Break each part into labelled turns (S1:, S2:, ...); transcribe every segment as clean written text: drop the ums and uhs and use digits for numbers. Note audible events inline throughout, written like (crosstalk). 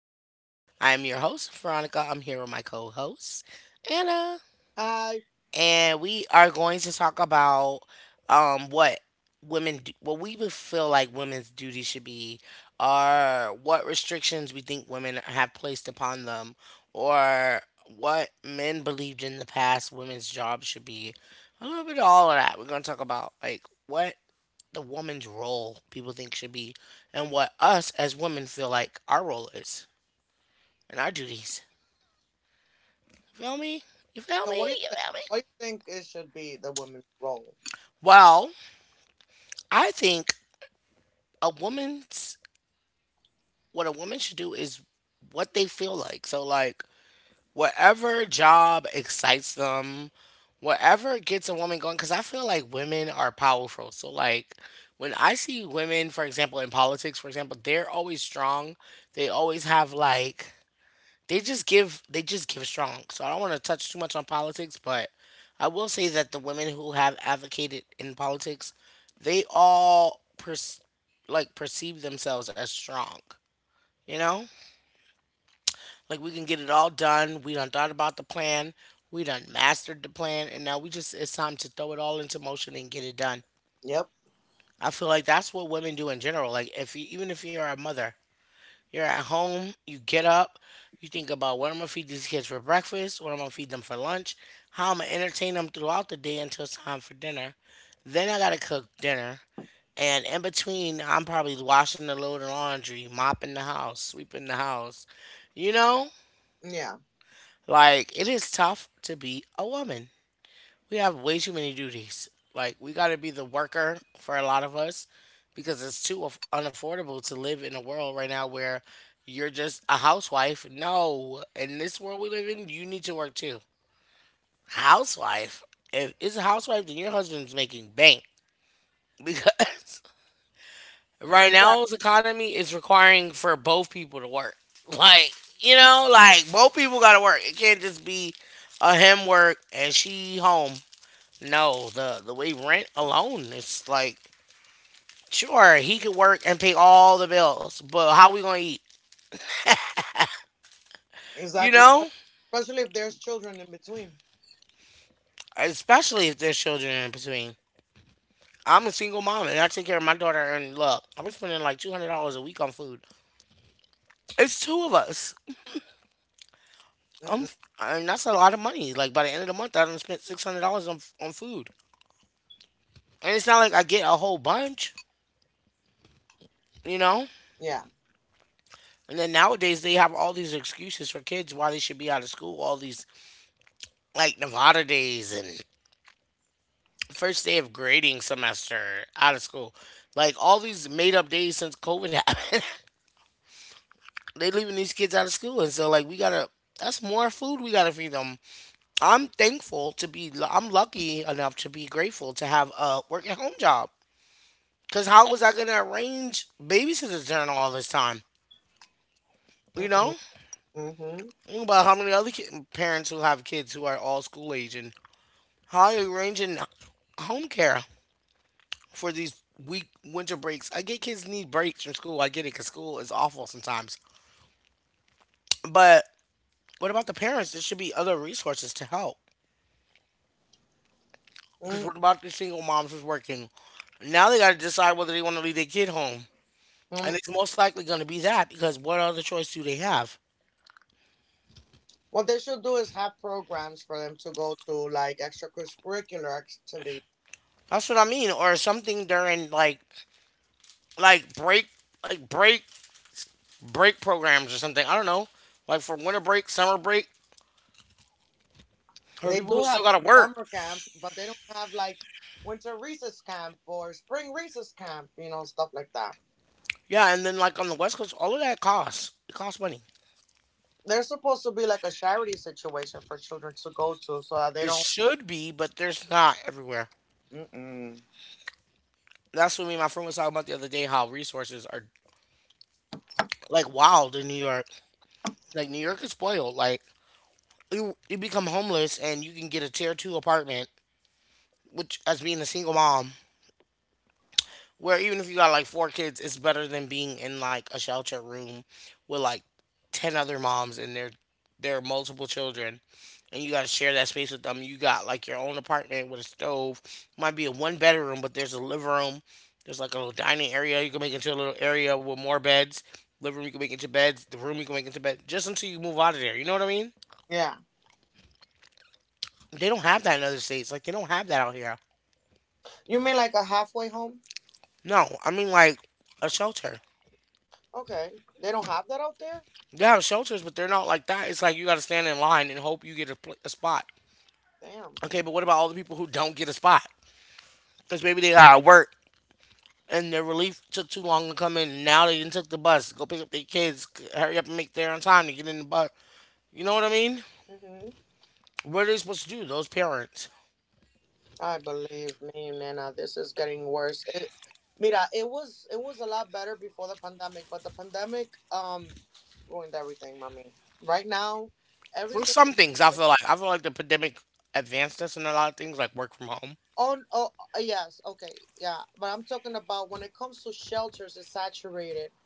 S1: back. I am your host, Veronica. I'm here with my co host, Anna.
S2: Hi.
S1: And we are going to talk about what women, do, what we would feel like women's duties should be, or what restrictions we think women have placed upon them, or what men believed in the past women's jobs should be. A little bit of all of that. We're going to talk about like what the woman's role people think should be and what us as women feel like our role is and our duties. You feel me? You feel me?
S2: So what do
S1: You
S2: you
S1: feel
S2: think?
S1: me?
S2: What do you think it should be the woman's role?
S1: Well, I think a woman's what a woman should do is what they feel like. So like whatever job excites them, whatever gets a woman going cuz I feel like women are powerful. So like when I see women, for example, in politics, for example, they're always strong. They always have like they just give strong. So I don't want to touch too much on politics, but I will say that the women who have advocated in politics, they all pers- like perceive themselves as strong. You know, like we can get it all done. We done thought about the plan. We done mastered the plan, and now we just it's time to throw it all into motion and get it done.
S2: Yep.
S1: I feel like that's what women do in general. Like if you, even if you're a mother, you're at home, you get up, you think about what I'm gonna feed these kids for breakfast, what I'm gonna feed them for lunch, how I'm gonna entertain them throughout the day until it's time for dinner. Then I gotta cook dinner. And in between, I'm probably washing the load of laundry, mopping the house, sweeping the house. You know,
S2: Yeah.
S1: like it is tough to be a woman, we have way too many duties. Like we got to be the worker for a lot of us because it's unaffordable to live in a world right now where you're just a housewife. No, in this world we live in, you need to work too. Housewife. If it's a housewife, then your husband's making bank (laughs) because right now's
S2: Exactly.
S1: economy is requiring for both people to work. Like you know, like both people got to work. It can't just be a him work and she home. No, the way rent alone, it's like sure he could work and pay all the bills, but how we gonna eat? You
S2: Exactly.
S1: know,
S2: Especially if there's children in between.
S1: especially if there's children in between. I'm a single mom and I take care of my daughter. And look, I'm spending like $200 a week on food. It's two of us. I'm,
S2: Mm-mm.
S1: I mean, that's a lot of money. Like by the end of the month, I done spent $600 on food, and it's not like I get a whole bunch, you know.
S2: Yeah.
S1: And then nowadays they have all these excuses for kids why they should be out of school. All these like Nevada days and the first day of grading semester out of school. Like all these made up days since COVID happened, (laughs) they leaving these kids out of school, and so like we gotta. That's more food we gotta feed them. I'm thankful to be. I'm lucky enough to be grateful to have a work at home job. Cause how was I gonna arrange babysitters during all this time? You know,
S2: Mm-mm. Mm-hmm.
S1: think about how many other parents who have kids who are all school age, and how are you arranging home care for these week winter breaks. I get kids need breaks from school. I get it because school is awful sometimes. But what about the parents? There should be other resources to help. Because what about the single moms who's working? Now they got to decide whether they want to leave their kid home. And
S2: Mm-mm.
S1: it's most likely going to be that because what other choice do they have?
S2: What they should do is have programs for them to go to, like extracurricular activity.
S1: That's what I mean. Or something during like break like break programs or something. I don't know. Like for winter break, summer break, for
S2: They
S1: people who
S2: do
S1: still
S2: have
S1: gotta work.
S2: summer camp, but they don't have like winter recess camp or spring recess camp, stuff like that.
S1: Yeah, and then like on the West Coast, all of that costs. It costs money.
S2: They're supposed to be like a charity situation for children to go to so that
S1: It
S2: they don't.
S1: should be, but there's not everywhere.
S2: Mm-mm.
S1: That's what me and my friend was talking about the other day. How resources are like wild in New York. Like New York is spoiled. Like you become homeless and you can get a tier two apartment, which as being a single mom, where even if you got like four kids, it's better than being in like a shelter room with like ten other moms and their multiple children, and you got to share that space with them. You got like your own apartment with a stove. Might be a one bedroom, but there's a living room. There's like a little dining area. You can make into a little area with more beds. Living room you can make into beds. The room you can make into bed. Just until you move out of there. You know what I mean?
S2: Yeah.
S1: They don't have that in other states. Like they don't have that out here.
S2: You mean like a halfway home?
S1: No, I mean like a shelter.
S2: Okay. They don't have that out there?
S1: They have shelters, but they're not like that. It's like you got to stand in line and hope you get a, a spot.
S2: Damn.
S1: Okay, but what about all the people who don't get a spot? Because maybe they gotta work and their relief took too long to come in. And now they didn't took the bus, go pick up their kids, hurry up and make there on time to get in the bus. You know what I mean?
S2: hmm
S1: What are they supposed to do? Those parents,
S2: I Believe me, Nana. This is getting worse. Mira, it was a lot better before the pandemic, but the pandemic ruined everything, mommy. Right now,
S1: for
S2: every
S1: some
S2: single.
S1: things, I feel like the pandemic advanced us in a lot of things, like work from home.
S2: oh, n- oh yes, okay, yeah. But I'm talking about when it comes to shelters, it's saturated.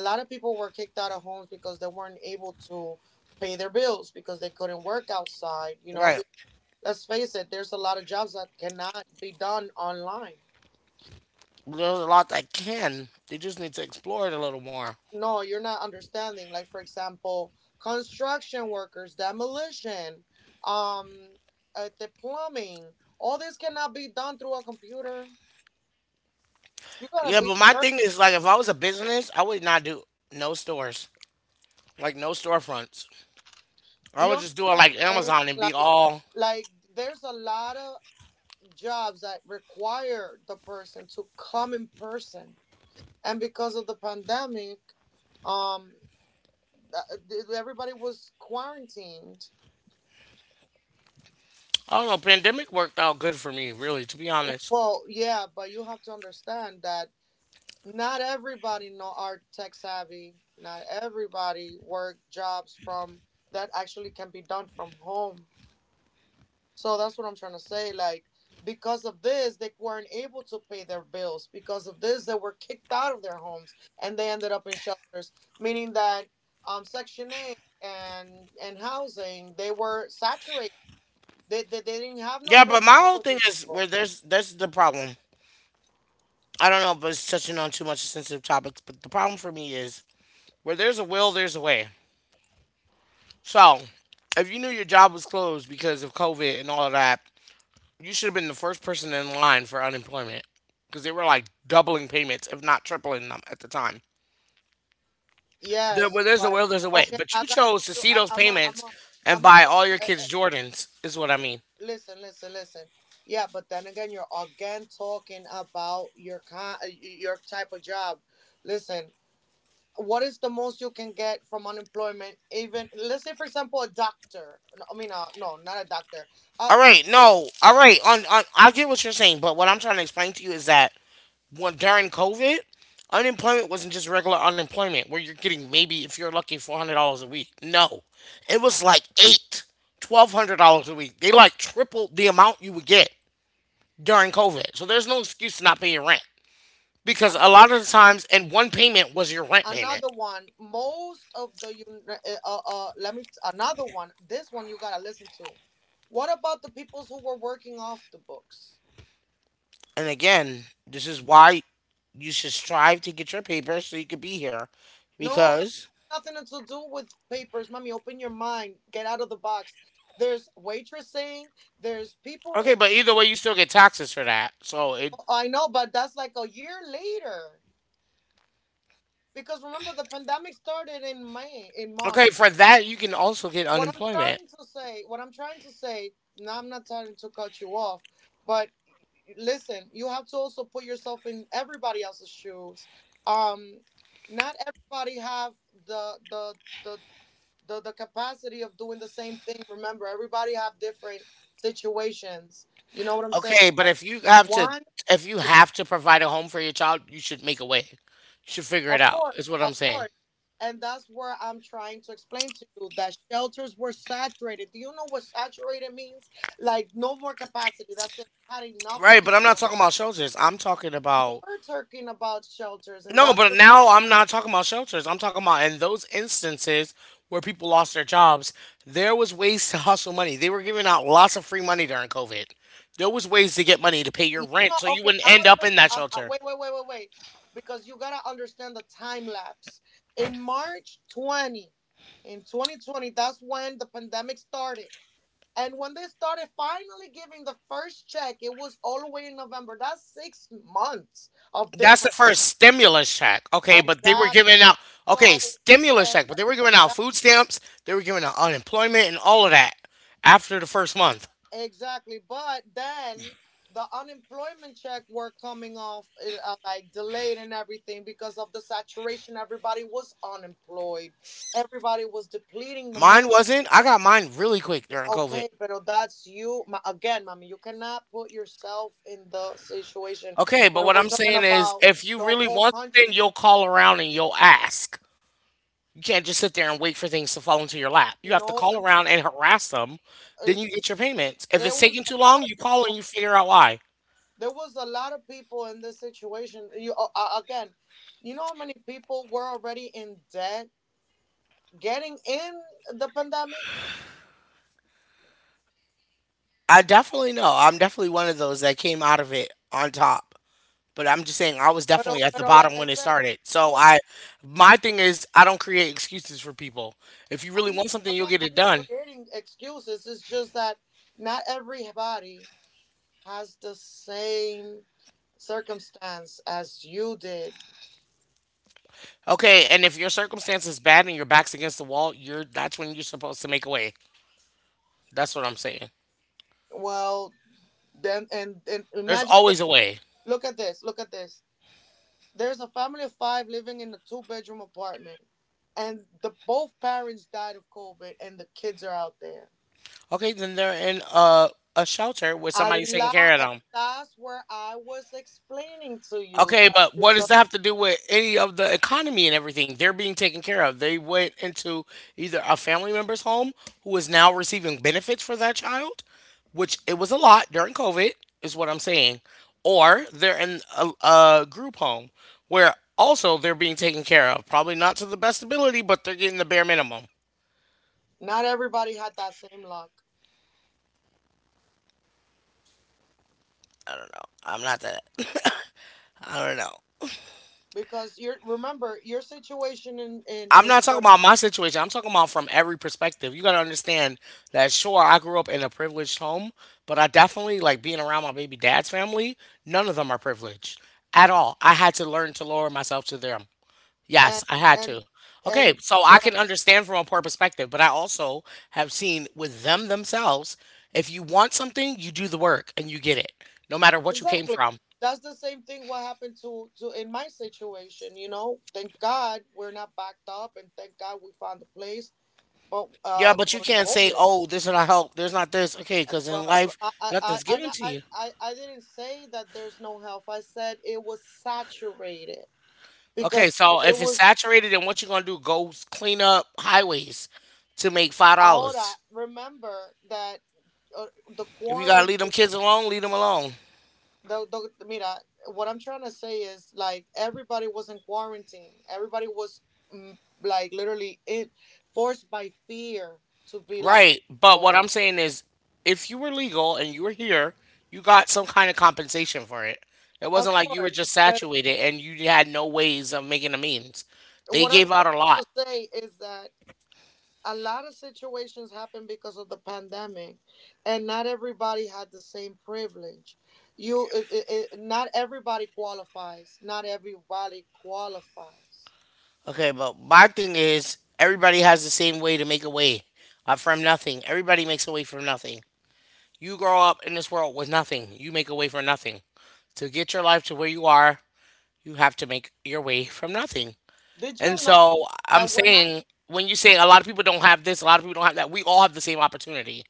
S2: A lot of people were kicked out of homes because they weren't able to pay their bills because they couldn't work outside.
S1: Right.
S2: Let's face it, there's a lot of jobs that cannot be done online.
S1: There's a lot that can. They just need to explore it a little more.
S2: No, you're not understanding. Like for example, construction workers, demolition, um, the plumbing. All this cannot be done through a computer. You're
S1: Yeah,
S2: gonna
S1: but
S2: be
S1: my
S2: hurt.
S1: thing is like if I was a business, I would not do no stores. Like no storefronts. I
S2: Do
S1: would
S2: you
S1: just
S2: understand
S1: do it like
S2: what I'm saying?
S1: Amazon and be
S2: Like,
S1: all,
S2: like there's a lot of jobs that require the person to come in person, and because of the pandemic, um, everybody was quarantined.
S1: I don't know, pandemic worked out good for me, really, to be honest.
S2: Well, yeah, but you have to understand that not everybody know are tech savvy. Not everybody work jobs from that actually can be done from home. So that's what I'm trying to say. Like because of this, they weren't able to pay their bills. Because of this, they were kicked out of their homes and they ended up in shelters. Meaning that Section Eight and housing, they were saturated. They didn't have
S1: Yeah,
S2: no
S1: but
S2: place
S1: my whole
S2: for
S1: thing
S2: these
S1: is where
S2: people.
S1: there's the problem. I don't know, but it's touching on too much sensitive topics. But the problem for me is where there's a will, there's a way. So if you knew your job was closed because of COVID and all of that, you should have been the first person in line for unemployment because they were like doubling payments, if not tripling them at the time. There, where
S2: Yes,
S1: there's a will,
S2: but
S1: there's a way.
S2: okay,
S1: But you
S2: I gotta
S1: chose
S2: tell
S1: to
S2: you.
S1: see
S2: I,
S1: those
S2: I'm a,
S1: payments
S2: I'm a,
S1: and
S2: I'm a.
S1: buy all your
S2: uh,
S1: kids Jordans, is what I mean.
S2: Listen, listen, listen. Yeah, but then again, you're again talking about your your type of job. Listen, what is the most you can get from unemployment? Even let's say, for example, a doctor. No, I mean, no, not a doctor.
S1: All
S2: Uh,
S1: right, no, all right. I get what you're saying, but what I'm trying to explain to you is that when during COVID, unemployment wasn't just regular unemployment where you're getting maybe if you're lucky $400 a week. No, it was like eight, $1,200 a week. They like tripled the amount you would get during COVID. So there's no excuse to not pay your rent because a lot
S2: Another
S1: of the times, and one payment was your rent payment.
S2: one. Most of the let me another one. This one you gotta listen to. What about the peoples who were working off the books?
S1: And again, this is why you should strive to get your papers so you could be here
S2: No, it
S1: because
S2: has nothing to do with papers, mommy. Open your mind. Get out of the box. There's waitressing. There's
S1: okay,
S2: people.
S1: but either way you still get taxes for that, so it
S2: I know, but that's like a year later. Because remember, the pandemic started in May, in
S1: okay,
S2: March.
S1: for that you can also get
S2: What I'm
S1: unemployment.
S2: trying to say, what I'm trying to say, now I'm not trying to cut you off, but listen, you have to also put yourself in everybody else's shoes. Um, Not everybody have the the the the capacity of doing the same thing. Remember, everybody have different situations. You know what I'm saying?
S1: Okay, but
S2: Like
S1: if you have to,
S2: one,
S1: if you
S2: two.
S1: have to provide a home for your child, you should make a way. You should figure it
S2: Of
S1: out.
S2: course,
S1: Is what I'm
S2: of
S1: saying.
S2: course. And that's where I'm trying to explain to you that shelters were saturated. Do you know what saturated means? Like no more capacity. That's it. We had enough
S1: Right, but I'm not
S2: people.
S1: talking about shelters. I'm talking
S2: You
S1: about,
S2: were talking about shelters, and
S1: no,
S2: that's.
S1: but now I'm not talking about shelters. I'm talking about in those instances where people lost their jobs, there was ways to hustle money. They were giving out lots of free money during COVID. There was ways to get money to pay your rent so you
S2: Okay,
S1: wouldn't
S2: I'm
S1: end
S2: gonna
S1: up
S2: tell you.
S1: in that shelter.
S2: Wait, wait, wait, wait, wait, because you gotta understand the time lapse. In March 20, in 2020, that's when the pandemic started. And when they started finally giving the first check, it was all the way in November. That's 6 months of
S1: That's the
S2: difference.
S1: first stimulus check. Okay, but they were
S2: Exactly.
S1: giving out okay,
S2: So,
S1: stimulus
S2: uh,
S1: check, but they were giving out food stamps, they were giving out unemployment and all of that after the first month.
S2: Exactly. But then the unemployment check were coming off like delayed and everything because of the saturation. Everybody was unemployed. Everybody was depleting the
S1: Mine
S2: money.
S1: wasn't. I got mine really quick during COVID.
S2: Okay, but that's you. Again, mommy, you cannot put yourself in the situation
S1: Okay, but
S2: when
S1: what
S2: we're
S1: I'm
S2: talking
S1: saying is
S2: about
S1: if you
S2: the
S1: really
S2: whole
S1: want something,
S2: country.
S1: you'll call around and you'll ask. You can't just sit there and wait for things to fall into your lap. You have to
S2: No,
S1: call around and harass them.
S2: uh, uh,
S1: Then you get your payments. If
S2: there
S1: it's
S2: was
S1: taking
S2: a
S1: too
S2: lot
S1: long,
S2: of
S1: you call and
S2: people.
S1: you figure out why.
S2: There was a lot of people in this situation. You again, you know how many people were already in debt getting in the pandemic.
S1: I definitely know. I'm definitely one of those that came out of it on top. But I'm just saying I was
S2: But
S1: definitely at the
S2: but like
S1: bottom
S2: I
S1: when it
S2: said,
S1: started.
S2: you
S1: So
S2: are-
S1: I My thing is I don't create excuses for people. If you really
S2: I'm not
S1: want something,
S2: I'm
S1: you'll
S2: not
S1: get it
S2: I'm not
S1: done.
S2: creating excuses. It's just that not everybody has the same circumstance as you did.
S1: Okay, and if your circumstance is bad and your back's against the wall, you're that's when you're supposed to make a way. That's what I'm saying.
S2: Well, then and
S1: There's
S2: imagine this.
S1: always a way.
S2: Look at this. Look at this. There's a family of five living in a two-bedroom apartment, and the both parents died of COVID, and the kids are out there.
S1: Okay, then they're in a shelter where
S2: A
S1: somebody's taking care of
S2: And
S1: them.
S2: that's where I was explaining to you
S1: Okay,
S2: that
S1: but what does
S2: because
S1: that have to do with any of the economy and everything? They're being taken care of. They went into either a family member's home who is now receiving benefits for that child, which it was a lot during COVID, is what I'm saying, or they're in a group home where also they're being taken care of. Probably not to the best ability, but they're getting the bare minimum.
S2: not everybody had that same luck.
S1: I don't know. I'm not that. (laughs) I don't know.
S2: Because you remember your situation
S1: I'm
S2: in
S1: not talking
S2: work,
S1: about my situation. I'm talking about from every perspective. You got to understand that sure, I grew up in a privileged home, but I definitely like being around my baby dad's family. None of them are privileged at all. I had to learn to lower myself to them.
S2: and
S1: Yes, I had
S2: and
S1: to. Okay,
S2: and
S1: so I
S2: what?
S1: can understand from a poor perspective, but I also have seen with them themselves, if you want something, you do the work and you get it, no matter what you came
S2: Exactly,
S1: from.
S2: that's the same thing what happened to in my situation. You know, thank God we're not backed up, and thank God we found a place. But
S1: Yeah, but you
S2: during
S1: can't say,
S2: COVID,
S1: "Oh, there's not help. There's not this." Okay, because in
S2: but
S1: life,
S2: I I I
S1: nothing's given
S2: I
S1: to
S2: I
S1: you.
S2: I I didn't say that there's no health. I said it was saturated
S1: Okay,
S2: because
S1: so
S2: it
S1: if it's
S2: was
S1: saturated, then what you gonna do? Go clean up highways to make five
S2: ahora.
S1: dollars.
S2: Remember that the
S1: If you gotta leave them
S2: quarantine.
S1: kids alone, leave them alone.
S2: The, the Mira, what I'm trying to say is, like, everybody was in quarantine. Everybody was like, literally in, forced by fear to be locked up
S1: Right.
S2: at
S1: But
S2: home.
S1: what I'm saying is, if you were legal and you were here, you got some kind of compensation for it. It
S2: Of
S1: wasn't like you were
S2: course,
S1: just
S2: but
S1: saturated and you had no ways of making the means. They
S2: what I'm
S1: gave out a
S2: trying
S1: lot.
S2: to say is that a lot of situations happened because of the pandemic, and not everybody had the same privilege. You it, it, it- Not everybody qualifies.
S1: Okay, but my thing is, everybody has the same way to make a way from nothing. Everybody makes a way from nothing. You grow up in this world with nothing. You make a way for nothing. To get your life to where you are, you have to make your way from nothing.
S2: Did you
S1: And
S2: know
S1: so I'm
S2: that
S1: saying, when you
S2: you,
S1: say a lot of people don't have this, a lot of people don't have that, we all have the same opportunity.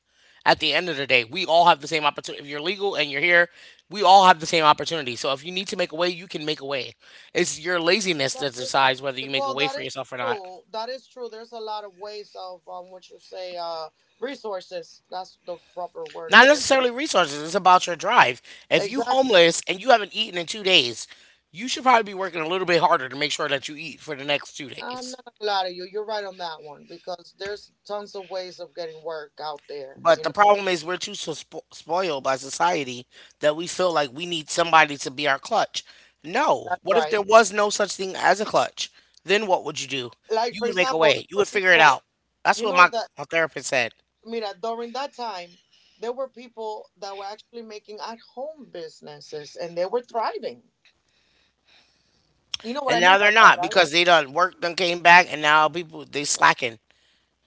S1: At the end of the day, we all have the same opportunity. If you're legal and you're here, we all have the same opportunity. So if you need to make a way, you can make a way. It's your laziness
S2: that
S1: that
S2: is,
S1: decides whether you make a
S2: well,
S1: way
S2: that
S1: for
S2: is
S1: yourself or not.
S2: true. There's a lot of ways of, what you say, resources? That's the proper word of
S1: Not
S2: saying.
S1: necessarily resources. It's about your drive. If you
S2: Exactly.
S1: homeless and you haven't eaten in 2 days, you should probably be working a little bit harder to make sure that you eat for the next two
S2: I'm
S1: days.
S2: not gonna lie to you, you're right on that one because there's tons of ways of getting work out there
S1: But
S2: you
S1: the
S2: know
S1: problem is we're too so spoiled by society that we feel like we need somebody to be our clutch. No.
S2: That's
S1: What if
S2: right.
S1: there was no such thing as a clutch? Then what would you do?
S2: Like
S1: You
S2: for
S1: would make a
S2: example, there
S1: way. You
S2: were
S1: would figure it
S2: people,
S1: out. That's
S2: you
S1: what
S2: know
S1: my,
S2: that.
S1: my therapist said.
S2: Mira, during that time, there were people that were actually making at home businesses and they were thriving. You know what I
S1: And
S2: mean
S1: now
S2: by
S1: they're
S2: that,
S1: not
S2: right?
S1: because they done worked, done came back, and now people they slacking.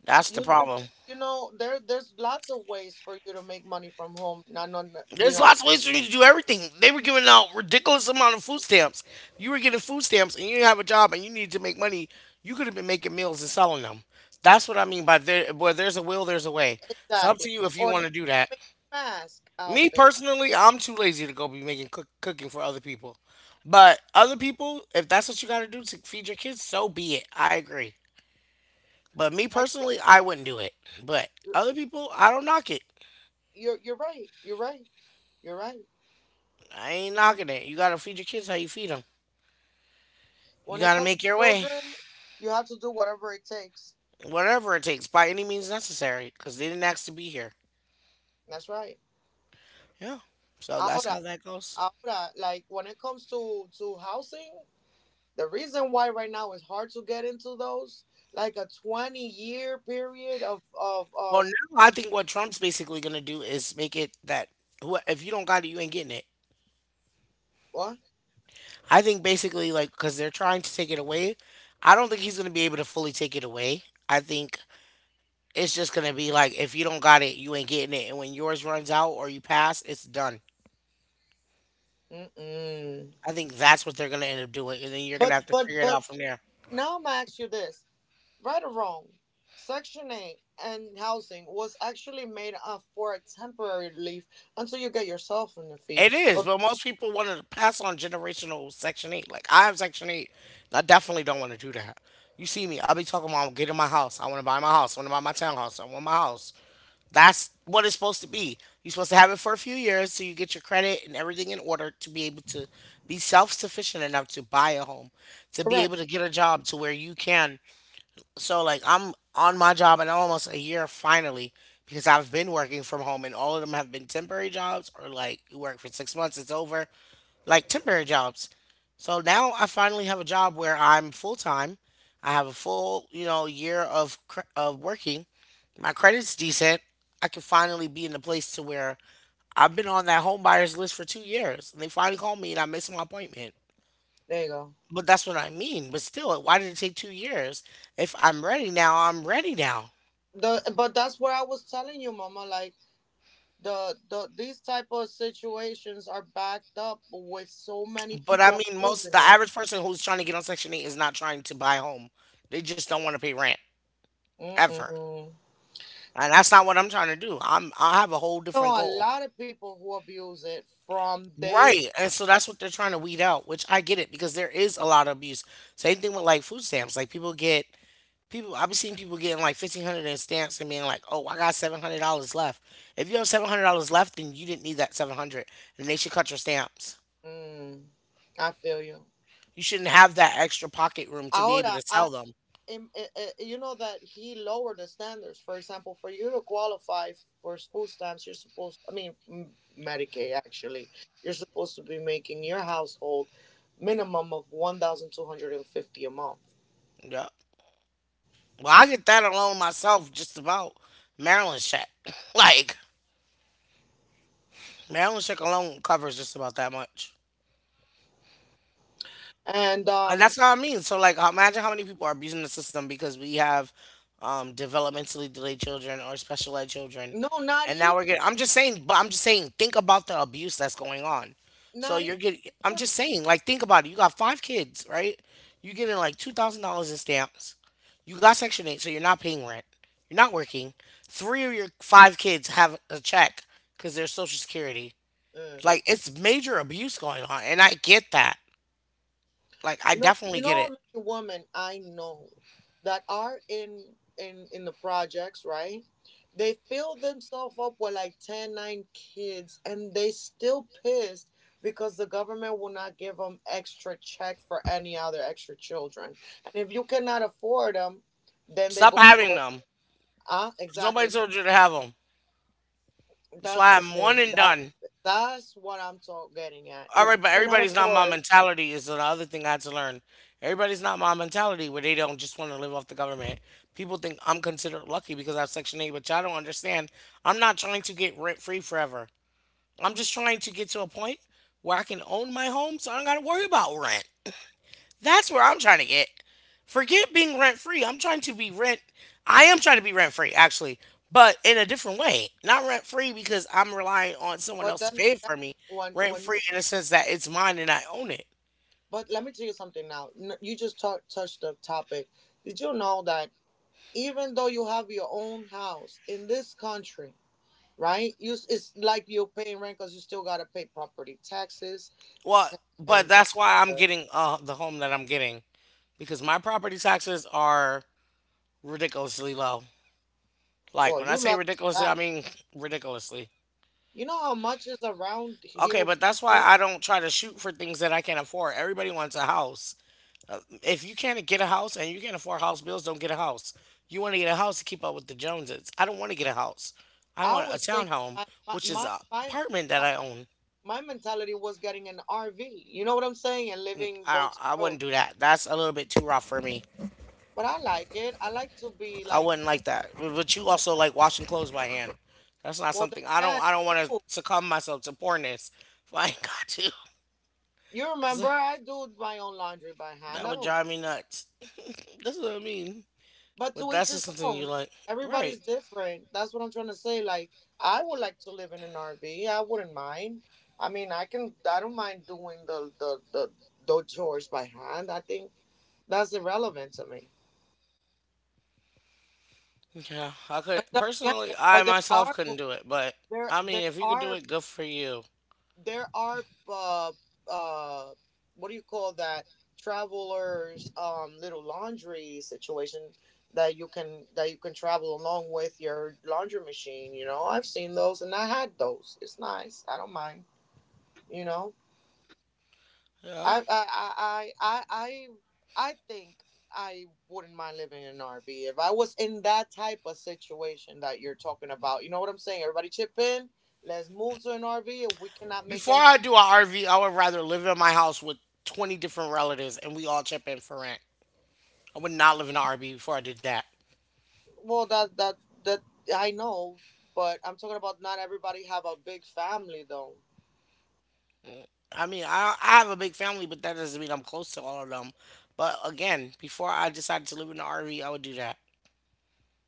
S1: That's the
S2: You you,
S1: problem.
S2: you know, there's lots of ways for you to make money from home. Not on. you
S1: There's
S2: know,
S1: lots of ways for you to do everything. They were giving out ridiculous amount of food stamps. You were getting food stamps and you didn't have a job and you needed to make money. You could have been making meals and selling them. That's what I mean by there where there's a will, there's a way. It's up to
S2: exactly.
S1: you if you
S2: Or
S1: want
S2: you
S1: to do that.
S2: make mask out
S1: Me
S2: there.
S1: personally, I'm too lazy to go be making cooking for other people. But other people, if that's what you got to do to feed your kids, so be it. I agree. But me
S2: Like
S1: personally, I wouldn't do it. But
S2: like,
S1: other people, I don't knock it.
S2: you're right. You're right.
S1: I ain't knocking it. You got to feed your kids how you feed them. You
S2: When it
S1: got to
S2: comes
S1: make your
S2: to
S1: way.
S2: children, you have to do whatever it takes.
S1: Whatever it takes, by any means necessary, because they didn't ask to be here.
S2: That's right.
S1: Yeah. So that's
S2: Ahora,
S1: how that goes.
S2: Ahora, like when it comes to housing, the reason why right now it's hard to get into those, like a 20-year period of of
S1: Well, now
S2: of
S1: I think what Trump's basically gonna do is make it that who if you don't got it, you ain't getting it.
S2: what?
S1: I think basically like because they're trying to take it away. I don't think he's gonna be able to fully take it away. I think it's just gonna be like if you don't got it, you ain't getting it, and when yours runs out or you pass, it's done.
S2: Mm-mm.
S1: I think that's what they're gonna end up doing, and then you're gonna
S2: But
S1: have to
S2: but
S1: figure it
S2: but
S1: out from there.
S2: now I'm gonna ask you this, right or wrong? Section 8 and housing was actually made up for a temporary relief until you get yourself on your feet.
S1: It is,
S2: Or-
S1: but most people wanted to pass on generational Section 8. Like, I have Section 8, and I definitely don't want to do that. You see me, I'll be talking about getting my house. I want to buy my house. I want to buy my townhouse. I want my house. That's what it's supposed to be. You're supposed to have it for a few years so you get your credit and everything in order to be able to be self sufficient enough to buy a home, to be
S2: Correct.
S1: able to get a job to where you can so like I'm on my job in almost a year finally because I've been working from home and all of them have been temporary jobs or like you work for 6 months, it's over, like temporary jobs. So now I finally have a job where I'm full time. I have a full year of working. My credit's decent. I can finally be in the place to where I've been on that home buyers list for 2 years. And they finally called me and I missed my appointment.
S2: There you go.
S1: But that's what I mean. But still, why did it take 2 years? If I'm ready now, I'm ready now.
S2: The but that's what I was telling you, Mama. Like these type of situations are backed up with so many
S1: But I
S2: people
S1: mean, most the
S2: abusing it.
S1: average person who's trying to get on Section 8 is not trying to buy a home. They just don't want to pay rent ever.
S2: Mm-mm.
S1: And that's not what I'm trying to do. I'm I have a whole different
S2: Know a
S1: goal.
S2: lot of people who abuse it from day.
S1: Right. And so that's what they're trying to weed out, which I get it because there is a lot of abuse. Same thing with like food stamps. Like people I've been seeing people getting like 1,500 in stamps and being like, "Oh, I got $700 left." If you have $700 left, then you didn't need that 700 and they should cut your stamps.
S2: Mm, I feel you.
S1: You shouldn't have that extra pocket room to be able
S2: Ahora,
S1: to
S2: I,
S1: sell them.
S2: em- eh, eh, you know that he lowered the standards. For example, for you to qualify for food stamps, you're supposed. I mean, Medicaid actually, you're supposed to be making your household minimum of 1,250 a month
S1: Yeah. Well, I get that alone myself, just about Maryland check. (coughs) Like Maryland check alone covers just about that much.
S2: and
S1: And
S2: um
S1: that's what I mean. So, like, imagine how many people are abusing the system because we have developmentally delayed children or special ed children,
S2: No, not
S1: and now
S2: even,
S1: we're getting. I'm just saying, but I'm just saying, think about the abuse that's going on. So
S2: not
S1: you're getting. I'm
S2: even.
S1: just saying, like, think about it. You got five kids, right? You're getting like $2,000 in stamps. You got Section 8, so you're not paying rent. You're not working. Three of your five kids have a check because they're Social Security.
S2: Uh,
S1: Like, it's major abuse going on, and I get that. Like, I
S2: you
S1: definitely
S2: know
S1: get
S2: how
S1: it.
S2: many women I know that are in the projects, right? They fill themselves up with like 10, 9 kids, and they still pissed because the government will not give them extra check for any other extra children. And if you cannot afford them, then they
S1: Stop
S2: go
S1: having
S2: to.
S1: them. 'Cause nobody
S2: Exactly.
S1: told you to have them. That's
S2: That's
S1: why
S2: the
S1: I'm one
S2: thing.
S1: and
S2: That
S1: done.
S2: that's what I'm talking getting at.
S1: All
S2: If you
S1: right, but
S2: cannot
S1: everybody's not my
S2: afford.
S1: mentality is another thing I had to learn. Everybody's not my mentality where they don't just want to live off the government. People think I'm considered lucky because I have Section 8, which I don't understand. I'm not trying to get rent free forever. I'm just trying to get to a point where I can own my home so I don't got to worry about rent. That's where I'm trying to get. Forget being rent free. I'm trying to be rent. I am trying to be rent free, actually, but in a different way. Not rent free because I'm relying on someone
S2: But
S1: else to
S2: then
S1: pay
S2: again,
S1: for me. Rent
S2: when you
S1: free in a sense that it's mine and I own it.
S2: but let me tell you something now. You just touched the topic. Did you know that even though you have your own house in this country, right? It's like you're paying rent because you still gotta pay property taxes.
S1: Well,
S2: c-
S1: but
S2: and,
S1: that's why
S2: and
S1: I'm
S2: the,
S1: getting the home that I'm getting because my property taxes are ridiculously low. Like
S2: well,
S1: when I
S2: you
S1: say
S2: lucky on
S1: ridiculously,
S2: that
S1: I
S2: one.
S1: mean ridiculously.
S2: You know how much is around
S1: Okay,
S2: here?
S1: but that's why I don't try to shoot for things that I can't afford. Everybody wants a house. If you can't get a house and you can't afford house bills, don't get a house. You want to get a house to keep up with the Joneses. I don't want to get a house. I
S2: I
S1: want a
S2: was thinking
S1: townhome,
S2: my my
S1: which is
S2: my
S1: a
S2: my,
S1: apartment that
S2: my
S1: I own.
S2: my mentality was getting an RV. You know what I'm saying? And living
S1: I
S2: road
S1: don't,
S2: to
S1: I
S2: road.
S1: wouldn't do that. That's a little bit too rough for me.
S2: But I like it. I like to be
S1: I
S2: like
S1: wouldn't like that. But you
S2: like
S1: also
S2: that.
S1: like washing clothes by hand. That's not
S2: Well, then
S1: something I don't
S2: again,
S1: I don't
S2: I
S1: want to
S2: do.
S1: succumb myself to poorness if I ain't got to.
S2: You
S1: (laughs)
S2: remember,
S1: Cause
S2: I do my own laundry by
S1: that
S2: hand. I
S1: would
S2: don't.
S1: drive me nuts. That's what I mean.
S2: But
S1: But
S2: to each
S1: that's just
S2: his
S1: something you
S2: own.
S1: like, right?
S2: Everybody's different. That's what I'm trying to say. Like, I would like to live in an RV. I wouldn't mind. I mean, I can. I don't mind doing the chores by hand. I think that's irrelevant to me.
S1: Yeah, I could
S2: But then again,
S1: personally, I
S2: there
S1: myself
S2: are
S1: couldn't do it, but
S2: there
S1: I
S2: there
S1: mean, if you could do
S2: are
S1: it, good for you.
S2: there are uh what do you call that travelers little laundry situation that you can travel along with your laundry machine. I've seen those and I had those. It's nice, I don't mind you know
S1: Yeah.
S2: I think I wouldn't mind living in an RV if I was in that type of situation that you're talking about. You know what I'm saying? Everybody chip in. Let's move to an RV. If we cannot make
S1: Before
S2: ends—
S1: I do a RV, I would rather live in my house with 20 different relatives and we all chip in for rent. I would not live in an RV before I did that.
S2: Well, that that that I know, but I'm talking about not everybody have a big family though.
S1: I mean, I have a big family, but that doesn't mean I'm close to all of them. But again, before I decided to live in an RV, I would do that.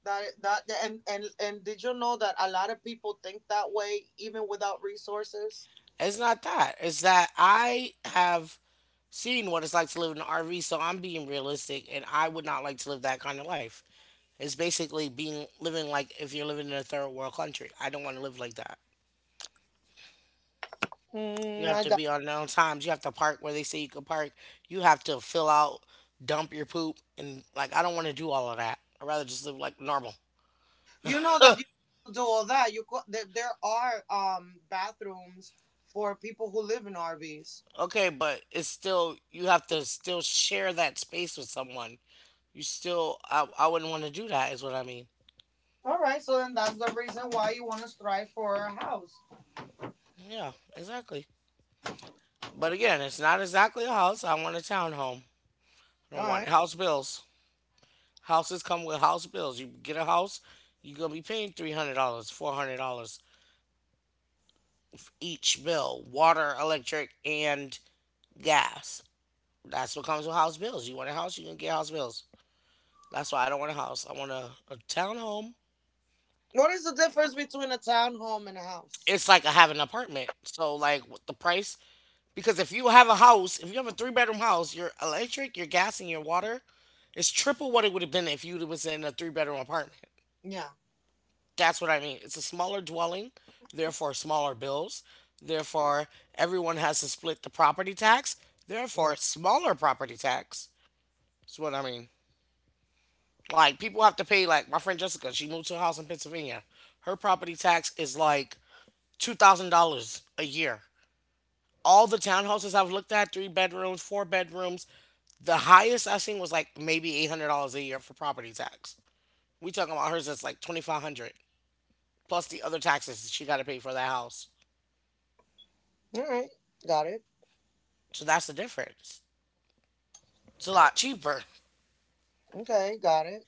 S2: That that and Did you know that a lot of people think that way even without resources?
S1: It's not that. It's that I have seen what it's like to live in an RV, so I'm being realistic, and I would not like to live that kind of life. It's basically being living like if you're living in a third world country. I don't want to live like that. You
S2: Mm,
S1: have
S2: I
S1: to
S2: got.
S1: be on known times. You have to park where they say you can park. You have to fill out, dump your poop, and like I don't want to do all of that. I'd rather just live like normal.
S2: You know that you don't do all that. There, there are bathrooms for people who live in RVs.
S1: Okay, but it's still you have to still share that space with someone. You still I wouldn't want to do that is what I mean.
S2: All right, so then that's the reason why you want to strive for a house.
S1: Yeah, exactly. But again, it's not exactly a house. I want a townhome. I
S2: All
S1: don't want
S2: right.
S1: house bills. Houses come with house bills. You get a house, you're gonna be paying $300, $400 each bill, water, electric, and gas. That's what comes with house bills. You want a house, you're gonna get house bills. That's why I don't want a house. I want a townhome.
S2: What is the difference between a townhome and a
S1: It's
S2: house?
S1: like I have an apartment. So like with the price because if you have a house, if you have a three-bedroom house, your electric, your gas, and your water is triple what it would have been if you was in a three-bedroom apartment.
S2: Yeah.
S1: That's what I mean. It's a smaller dwelling, therefore smaller bills. Therefore, everyone has to split the property tax,
S2: Yeah.
S1: therefore smaller property tax. That's what I mean. Like people have to pay. Like my friend Jessica, she moved to a house in Pennsylvania. Her property tax is like $2,000 a year. All the townhouses I've looked at, three bedrooms, four bedrooms, the highest I've seen was like maybe $800 a year for property tax. We talking about hers that's like 2,500 plus the other taxes she got to pay for that house.
S2: All right. Got it.
S1: So that's the difference. It's a lot cheaper.
S2: Okay, got it.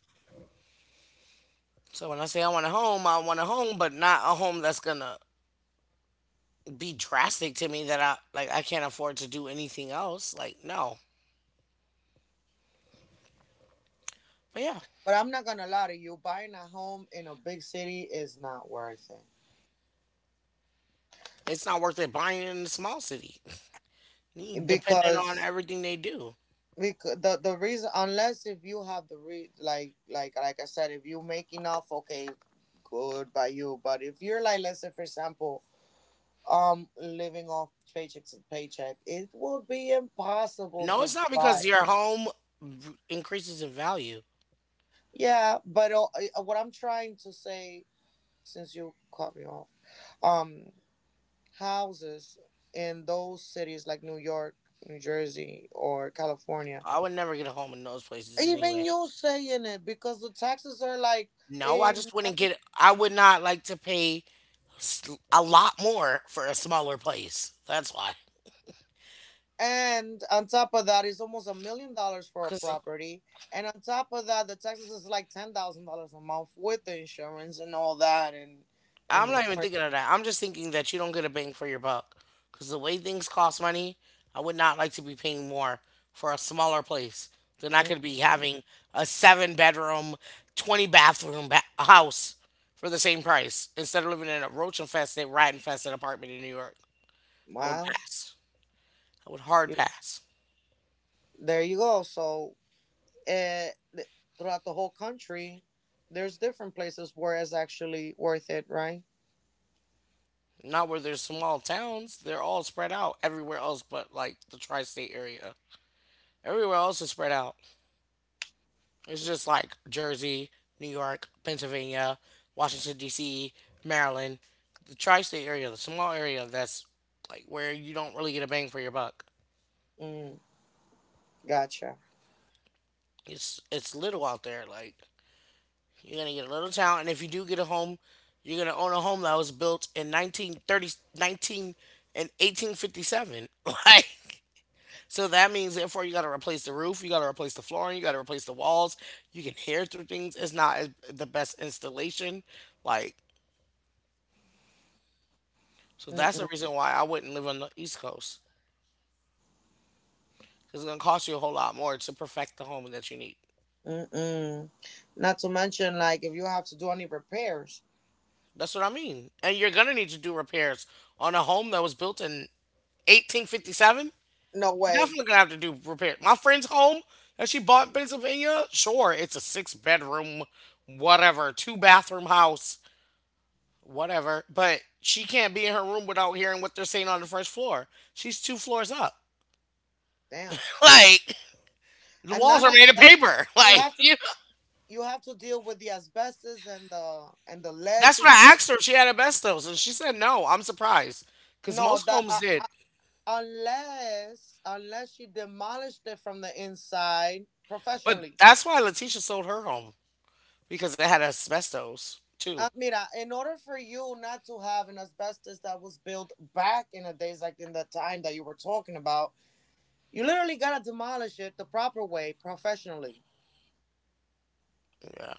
S1: So when I say I want a home, I want a home, but not a home that's gonna be drastic to me that I like I can't afford to do anything else. Like no. But yeah.
S2: But I'm not gonna lie to you, buying a home in a big city is not worth it,
S1: It's not worth it buying in a small city. You depending on
S2: because
S1: everything they do.
S2: because the reason, unless if you have the re like like I said, if you make enough, okay, good by you. But if you're like, let's say, for example, living off paycheck to paycheck, it would be impossible
S1: No,
S2: to
S1: it's not because
S2: buy.
S1: your home increases in value.
S2: Yeah but what I'm trying to say, since you cut me off, um houses in those cities like New York, New Jersey, or California.
S1: I would never get a home in those places
S2: Even
S1: anyway.
S2: you saying it, because the taxes are like
S1: No, I
S2: a
S1: just wouldn't
S2: ma-
S1: get. I would not like to pay s- a lot more for a smaller place. That's why.
S2: and on top of that, it's almost $1 million for a
S1: Because
S2: property. And on top of that, the taxes is like $10,000 a month with the insurance and all that, and
S1: I'm
S2: the
S1: not even thinking
S2: mortgage.
S1: of that. I'm just thinking that you don't get a bang for your buck. Because the way things cost money, I would not like to be paying more for a smaller place than I could be
S2: Mm-mm.
S1: having a seven bedroom, 20 bathroom house for the same price instead of living in a roach infested, rat infested apartment in New York. I would
S2: Wow,
S1: pass. I would hard
S2: you—
S1: pass.
S2: there you go. So uh, th- throughout the whole country, there's different places where it's actually worth it, right?
S1: Not where there's small towns, they're all spread out everywhere else but like the tri state area. Everywhere else is spread out. It's just like Jersey, New York, Pennsylvania, Washington D.C., Maryland, the tri-state area, the small area that's like where you don't really get a bang for your buck.
S2: Mm, gotcha.
S1: It's little out there. Like you're gonna get a little town, and if you do get a home, you're gonna own a home that was built in nineteen thirty, nineteen, 19 and 1857. (laughs) Like so that means therefore you gotta replace the roof, you gotta replace the flooring, you gotta replace the walls. You can hear through things. It's not the best installation. Like so that's the
S2: Mm-mm,
S1: reason why I wouldn't live on the East Coast because it's gonna cost you a whole lot more to perfect the home that you need.
S2: mm-mm. Not to mention, like, if you have to do any repairs,
S1: That's what I mean. And you're gonna need to do repairs on a home that was built in 1857.
S2: no
S1: You're
S2: way.
S1: definitely gonna have to do repairs. My friend's home that she bought in Pennsylvania, sure, it's a six-bedroom, whatever, two bathroom house, whatever. But she can't be in her room without hearing what they're saying on the first floor. She's two floors up. (laughs)
S2: Damn.
S1: Like the
S2: And
S1: walls
S2: not
S1: are
S2: only
S1: made of
S2: that,
S1: paper. (laughs)
S2: you
S1: Like
S2: have to
S1: you know?
S2: you have to deal with the asbestos and the lead
S1: That's what I
S2: situation.
S1: asked her if she had asbestos, and she said no. I'm surprised because
S2: No,
S1: most
S2: that
S1: homes
S2: uh,
S1: did,
S2: uh, unless unless you demolished it from the inside
S1: but
S2: professionally.
S1: that's why Letitia sold her home because it had asbestos too.
S2: Mira, in order for you not to have an asbestos that was built back in the days, like in the time that you were talking about, you literally gotta demolish it the proper way, professionally.
S1: Yeah.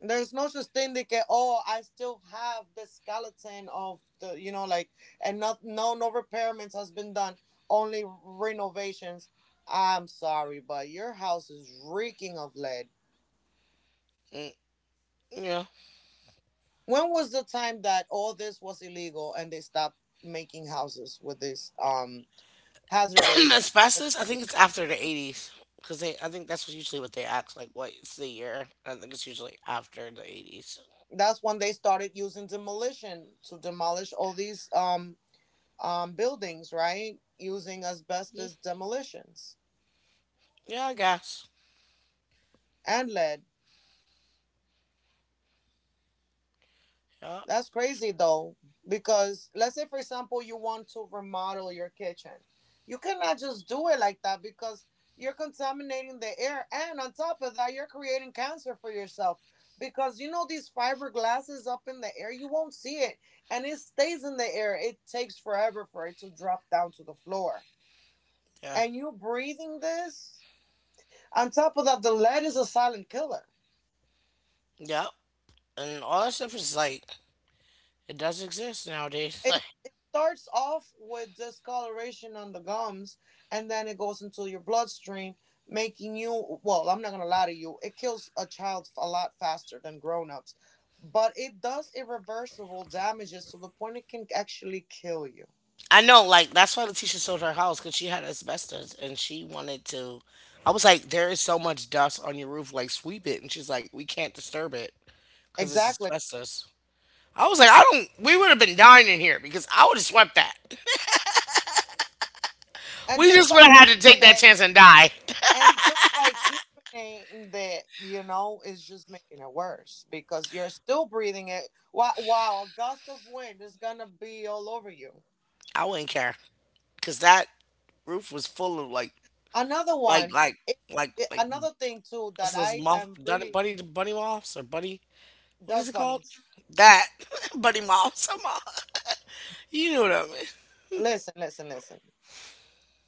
S2: There's no such thing that get, oh, I still have the skeleton of the, you know, like, and not, no, no repairments has been done, only renovations. I'm sorry, but your house is reeking of lead.
S1: Mm, yeah.
S2: When was the time that all this was illegal and they stopped making houses with this hazardous
S1: (clears throat) Asbestos. I think
S2: material?
S1: it's after the 80s because they. I think that's usually what they ask. Like, what's the year? I think it's usually after the 80s.
S2: That's when they started using demolition to demolish all these buildings, right? Using
S1: Mm,
S2: asbestos demolitions
S1: yeah, I guess.
S2: and lead.
S1: Yeah,
S2: That's crazy though, because let's say, for example, you want to remodel your kitchen. You cannot just do it like that because you're contaminating the air. And on top of that, you're creating cancer for yourself, because you know these fiberglasses up in the air, you won't see it. And it stays in the air. It takes forever for it to drop down to the floor.
S1: yeah,
S2: And you breathing this? On top of that, the lead is a silent killer.
S1: yeah. And all that stuff is like it does exist nowadays.
S2: it,
S1: (laughs)
S2: it starts off with discoloration on the gums, and then it goes into your bloodstream, making you— well, I'm not gonna lie to you, it kills a child a lot faster than grown-ups, but it does irreversible damages to the point it can actually kill you.
S1: I know, like that's why Letitia sold her house because she had asbestos and she wanted to. I was like, there is so much dust on your roof, like sweep it. And she's like, we can't disturb it because it's
S2: Exactly.
S1: asbestos. I was like, I don't. We would have been dying in here because I would have swept that.
S2: And
S1: We
S2: just
S1: just
S2: by
S1: would have had to
S2: keeping
S1: take that
S2: it,
S1: chance and die.
S2: and just by keeping it, that you know, is just making it worse because you're still breathing it. Wow, wow, a gust of wind is gonna be all over you.
S1: I wouldn't care because that roof was full of
S2: Another
S1: like,
S2: one,
S1: like,
S2: it,
S1: like, like
S2: another thing too
S1: what's
S2: that
S1: those
S2: I
S1: moth,
S2: am really—
S1: bunny moths or bunny? What is
S2: dust
S1: it called?
S2: bunnies.
S1: That (laughs) bunny moths. (laughs) You know what I mean?
S2: Listen, listen, listen.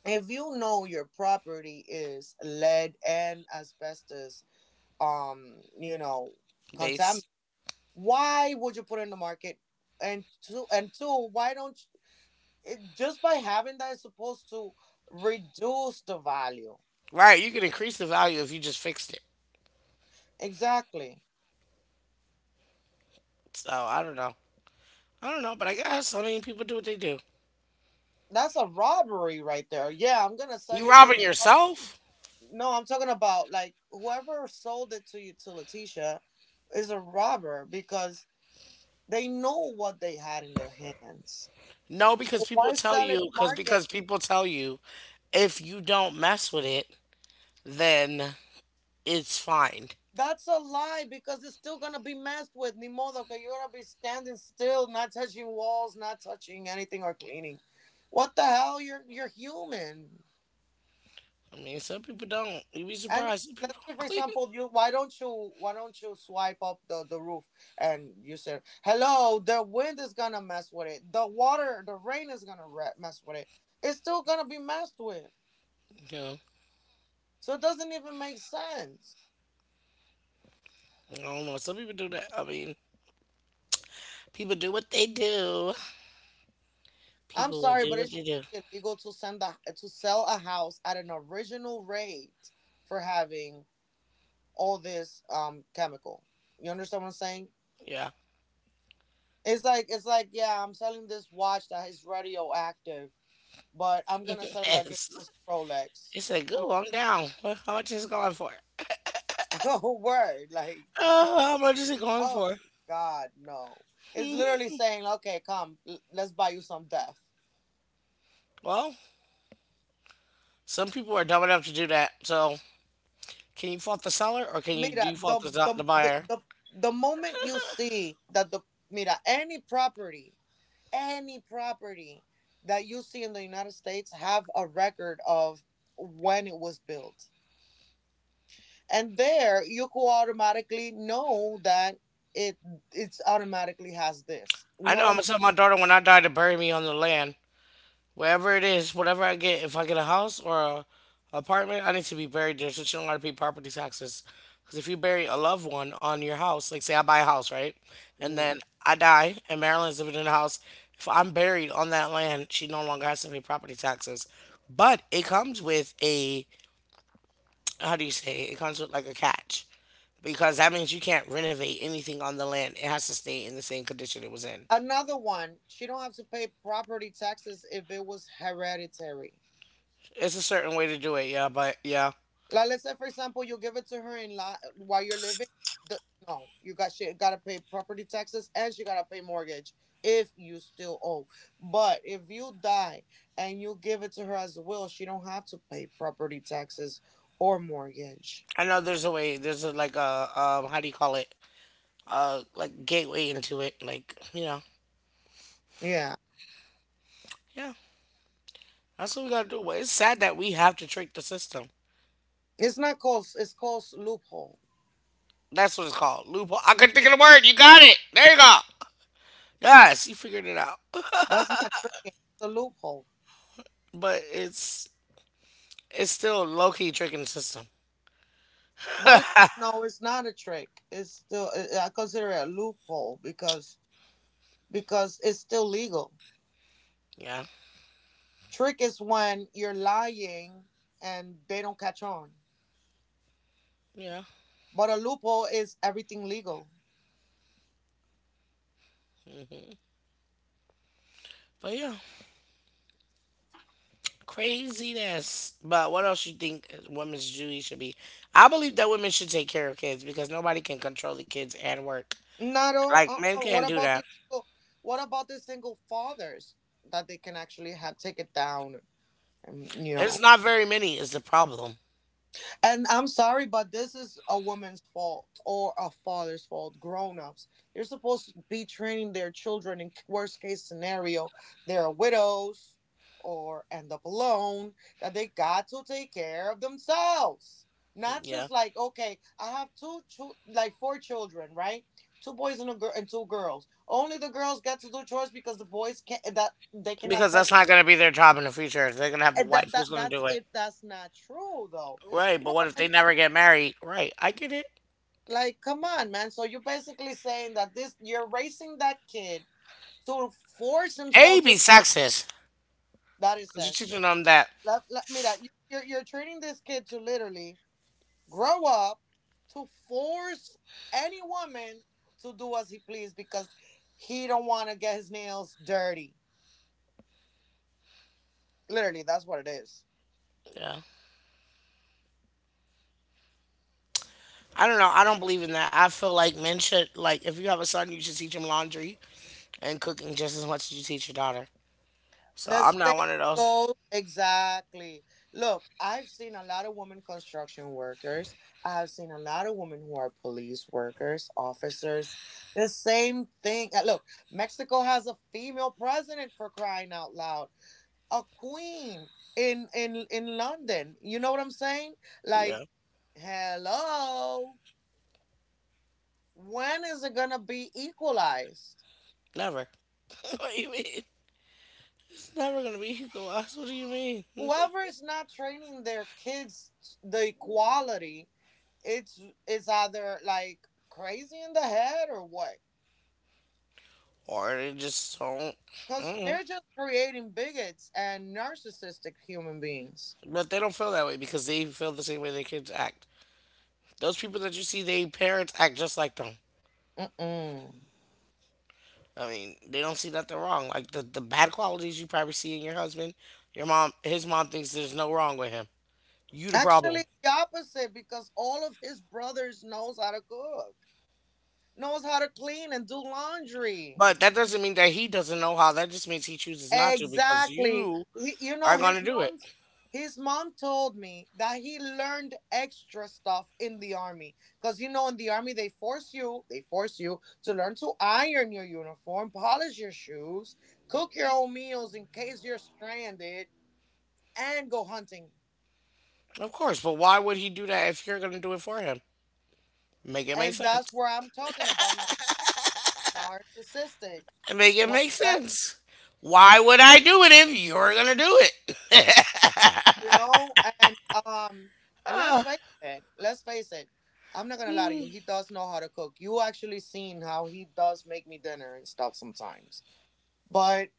S2: If you know your property is lead and asbestos, you know, contaminant,
S1: Base.
S2: why would you put it in the market? And two, why don't you, just by having that is supposed to reduce the value?
S1: Right, you could increase the value if you just fixed it.
S2: Exactly.
S1: So I don't know. I don't know, but I guess so many people do what they do.
S2: That's a robbery right there. Yeah, I'm gonna sell
S1: You
S2: you this.
S1: robbing yourself?
S2: No, I'm talking about like whoever sold it to you, to Letitia, is a robber because they know what they had in their hands.
S1: No, because
S2: So
S1: people
S2: why
S1: tell
S2: sell it
S1: you
S2: market?
S1: because people tell you if you don't mess with it, then it's fine.
S2: That's a lie because it's still gonna be messed with. Ni modo que you're gonna be standing still, not touching walls, not touching anything or cleaning. What the hell? You're human.
S1: I mean, some people don't. You'd be
S2: And if,
S1: surprised. Some
S2: let's
S1: people
S2: say, for
S1: don't (laughs) clean.
S2: example, you, why don't you, why don't you swipe up the roof, and you say, "Hello, the wind is gonna mess with it. The water, the rain is gonna mess with it. It's still gonna be messed with."
S1: Yeah,
S2: So it doesn't even make sense.
S1: I don't know. Some people do that. I mean, people do what they do.
S2: I'm
S1: People will
S2: sorry,
S1: do
S2: but
S1: what
S2: it
S1: they
S2: should
S1: do.
S2: be illegal to to sell a house at an original rate for having all this chemical. You understand what I'm saying?
S1: Yeah.
S2: It's like yeah, I'm selling this watch that is radioactive, but I'm gonna sell it like if it
S1: (laughs) it's
S2: was a Rolex.
S1: it's like
S2: Come
S1: go on down. How much is it going for?
S2: on, (laughs) oh word, like,
S1: How much is it going for?
S2: oh God, no. It's literally saying, okay, come, let's buy you some death.
S1: Well, some people are dumb enough to do that. So, can you fault the seller or can you do
S2: Mira,
S1: you
S2: the
S1: fault the,
S2: the
S1: the
S2: the
S1: buyer?
S2: the, the moment you see that the— mira, any property that you see in the United States have a record of when it was built, and there you could automatically know that it it's automatically has this. You
S1: I
S2: know
S1: know
S2: what
S1: I'm
S2: I'm
S1: gonna tell my daughter when I die to bury me on the land, wherever it is, whatever I get. If I get a house or a apartment, I need to be buried there so she don't gotta pay property taxes. Because if you bury a loved one on your house, like say I buy a house, right, and
S2: saying?
S1: then I die and Marilyn's living in the house, if I'm buried on that land, she no longer has to pay property taxes. But it comes with a how do you say? It comes with like a catch because that means you can't renovate anything on the land. It has to stay in the same condition it was in.
S2: Another one, she don't have to pay property taxes if it was hereditary.
S1: It's a certain way to do it, yeah, but yeah.
S2: Like, let's say for example, you give it to her while you're living. The, no, you got— she gotta pay property taxes and she gotta pay mortgage if you still owe. But if you die and you give it to her as a will, she don't have to pay property taxes or mortgage.
S1: I know there's a way, there's a, like a, how do you call it? Like gateway into it, like,
S2: Yeah,
S1: yeah. That's what we gotta do. But it's sad that we have to trick the system.
S2: it's called loophole.
S1: That's what it's called. Loophole. I couldn't think of the word. You got it. There you go. Yes, you figured it out. (laughs)
S2: That's not tricking. It's a loophole.
S1: But it's still low key tricking the system.
S2: But it's no, it's not a trick. It's still— I consider it a loophole because it's still legal.
S1: Yeah.
S2: Trick is when you're lying and they don't catch on.
S1: Yeah.
S2: But a loophall is everything legal.
S1: Mm-hmm. But yeah. Craziness. But what else you think women's duty should be? I believe that women should take care of kids because nobody can control the kids and work.
S2: Not all.
S1: Like men can't
S2: What
S1: do
S2: about
S1: that.
S2: the what about the single fathers that they can actually have take it down and you
S1: It's
S2: know?
S1: not very many is the problem.
S2: And I'm sorry, but this is a woman's fault or a father's fault. Grown ups, they're supposed to be training their children. In worst case scenario, they're widows or end up alone. That they got to take care of themselves. Not
S1: Yeah.
S2: just like, okay, I have two, like four children, right? Two boys and a girl, and two girls. Only the girls get to do chores because the boys can't. That they cannot
S1: Because
S2: touch.
S1: that's not gonna be their job in the future. They're gonna have a
S2: And that
S1: wife
S2: that
S1: who's gonna
S2: that's
S1: do it.
S2: it. That's not true though.
S1: Right,
S2: You know
S1: but what
S2: how
S1: if they
S2: many—
S1: never get married? Right, I get it.
S2: like, come on, man. So you're basically saying that this, you're raising that kid to force
S1: A
S2: himself
S1: be
S2: to—
S1: sexist.
S2: that is
S1: Cause you're teaching
S2: sexist.
S1: them that.
S2: Let, let me that you're training this kid to literally grow up to force any woman to do as he please because he don't want to get his nails dirty. Literally, that's what it is.
S1: Yeah. I don't know. I don't believe in that. I feel like men should, like, if you have a son, you should teach him laundry and cooking just as much as you teach your daughter. So
S2: The
S1: I'm
S2: same
S1: not one of those.
S2: goes, exactly. Look, I've seen a lot of women construction workers. I've seen a lot of women who are police workers, officers. The same thing. Look, Mexico has a female president, for crying out loud. A queen in in London. You know what I'm saying? Like,
S1: Yeah,
S2: hello. When is it going to be equalized?
S1: never. (laughs) What do you mean? It's never gonna be Hugo Boss. What do you mean?
S2: Whoever is not training their kids the equality, it's it's either like crazy in the head or what,
S1: Or they just don't.
S2: because
S1: Mm.
S2: they're just creating bigots and narcissistic human beings.
S1: But they don't feel that way because they feel the same way their kids act. Those people that you see, they parents act just like them.
S2: Mm-mm.
S1: I mean, they don't see nothing wrong. Like the bad qualities you probably see in your husband, your mom, his mom thinks there's no wrong with him. You the problem.
S2: Actually the opposite, because all of his brothers knows how to cook, knows how to clean and do laundry.
S1: But that doesn't mean that he doesn't know how. That just means he chooses not to because
S2: Exactly.
S1: you
S2: He, you know,
S1: are going to
S2: his
S1: do it.
S2: mom's— his mom told me that he learned extra stuff in the army, because you know in the army they force you, they force you to learn to iron your uniform, polish your shoes, cook your own meals in case you're stranded, and go hunting.
S1: Of course, but why would he do that if you're going to do it for him? Make it make
S2: And that's
S1: sense.
S2: where I'm talking about narcissistic.
S1: Make it make sense. Why would I do it if you're going to do it?
S2: you know and um and let's face it, let's face it, I'm not gonna lie to you, he does know how to cook. You actually seen how he does make me dinner and stuff sometimes. But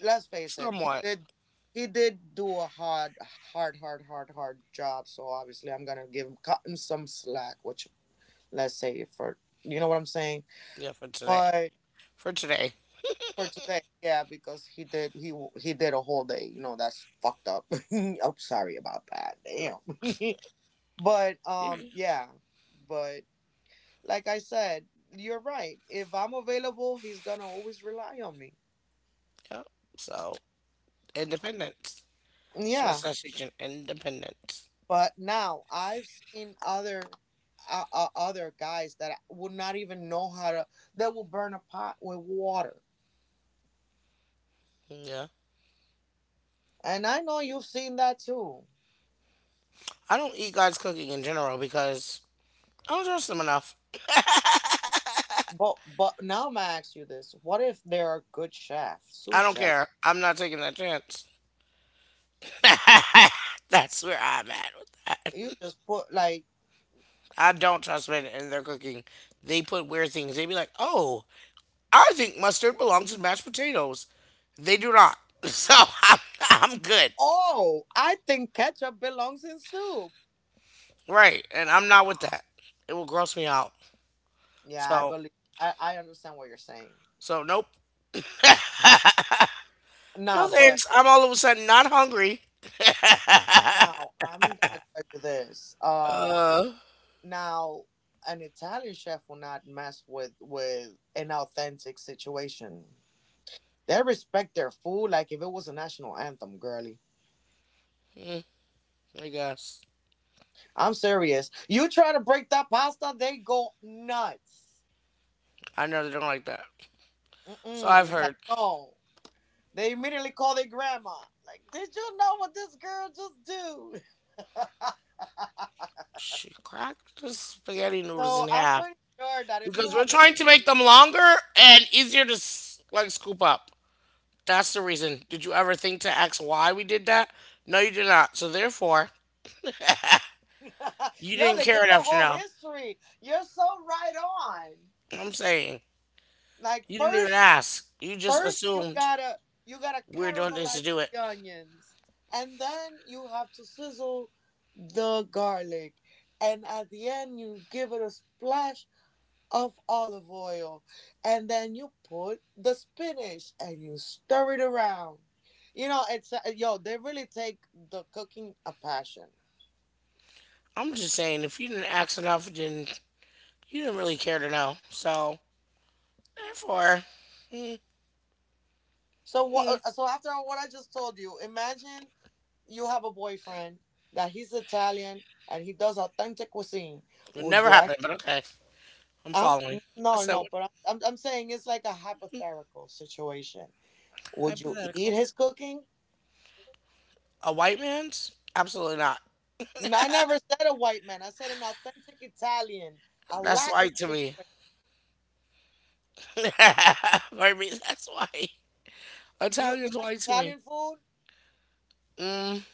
S2: let's
S1: (laughs)
S2: face it,
S1: Somewhat.
S2: he did do a hard, hard, hard job, so obviously I'm gonna give him cut him some slack. Which, let's say for— you know what I'm saying?
S1: Yeah, for today.
S2: But
S1: For today.
S2: for today, yeah, because he did a whole day, you know. That's fucked up. (laughs) I'm sorry about that. Damn. (laughs) But
S1: Yeah.
S2: um, yeah, but like I said, you're right. If I'm available, he's gonna always rely on me.
S1: Yep. So, independence. So, it's
S2: Yeah,
S1: essentially independence.
S2: but now I've seen other other guys that would not even know how to that will burn a pot with water.
S1: Yeah.
S2: And I know you've seen that too.
S1: I don't eat God's cooking in general because I don't trust him enough.
S2: But now I'm gonna ask you this: what if there are good chefs, sous
S1: I don't
S2: chef?
S1: care. I'm not taking that chance. (laughs) That's where I'm at with that.
S2: You just put like,
S1: I don't trust men in their cooking. They put weird things. They be like, "Oh, I think mustard belongs in mashed potatoes." They do not. (laughs) So I'm, I'm good,
S2: oh, I think ketchup belongs in soup.
S1: right? And I'm not with that. It will gross me out.
S2: Yeah, I
S1: So
S2: believe I understand what you're saying.
S1: nope, no
S2: Nah, but
S1: thanks. I'm all of a sudden not hungry.
S2: now I'm gonna tell you this. Now an Italian chef will not mess with an authentic situation. They respect their food like if it was a national anthem, girly.
S1: I guess.
S2: I'm serious. You try to break that pasta, they go nuts.
S1: I know they don't like that. So
S2: Mm-mm.
S1: I've
S2: It's like
S1: heard.
S2: no. They immediately call their grandma. Like, did you know what this girl just do? (laughs)
S1: She cracked the spaghetti noodles
S2: So
S1: in
S2: I'm
S1: half
S2: pretty sure that if you
S1: because we're
S2: have
S1: trying
S2: listened,
S1: to make them longer and easier to like scoop up. That's the reason. Did you ever think to ask why we did that? No, you did not. So therefore,
S2: (laughs)
S1: you
S2: yo,
S1: didn't
S2: they give
S1: care
S2: you a
S1: enough to
S2: whole
S1: know.
S2: history. You're so right on.
S1: I'm saying
S2: Like
S1: you didn't even
S2: first,
S1: ask. You just
S2: first
S1: assumed
S2: you gotta
S1: we were doing things to
S2: caramelize
S1: do it.
S2: the onions, and then you have to sizzle the garlic, and at the end you give it a splash of olive oil, and then you put the spinach and you stir it around. You know, it's, yo, they really take the cooking a passion.
S1: I'm just saying if you didn't ask enough, then you didn't really care to know. So therefore,
S2: So
S1: mm,
S2: what? So after what I just told you, imagine you have a boyfriend that he's Italian and he does authentic cuisine.
S1: it
S2: Would
S1: never
S2: you act?
S1: happened. But okay, I'm
S2: Huh?
S1: following. I
S2: No,
S1: said
S2: no.
S1: what?
S2: But I'm saying it's like a hypothetical situation. Would you eat
S1: Hypothetical.
S2: his cooking?
S1: A white man's? Absolutely not.
S2: No, I never said a white man. I said an authentic Italian, a
S1: That's
S2: Latin
S1: white to me.
S2: situation.
S1: (laughs) For me, that's white.
S2: Do you
S1: Italian's
S2: like
S1: white to
S2: Italian
S1: me.
S2: food?
S1: Mm,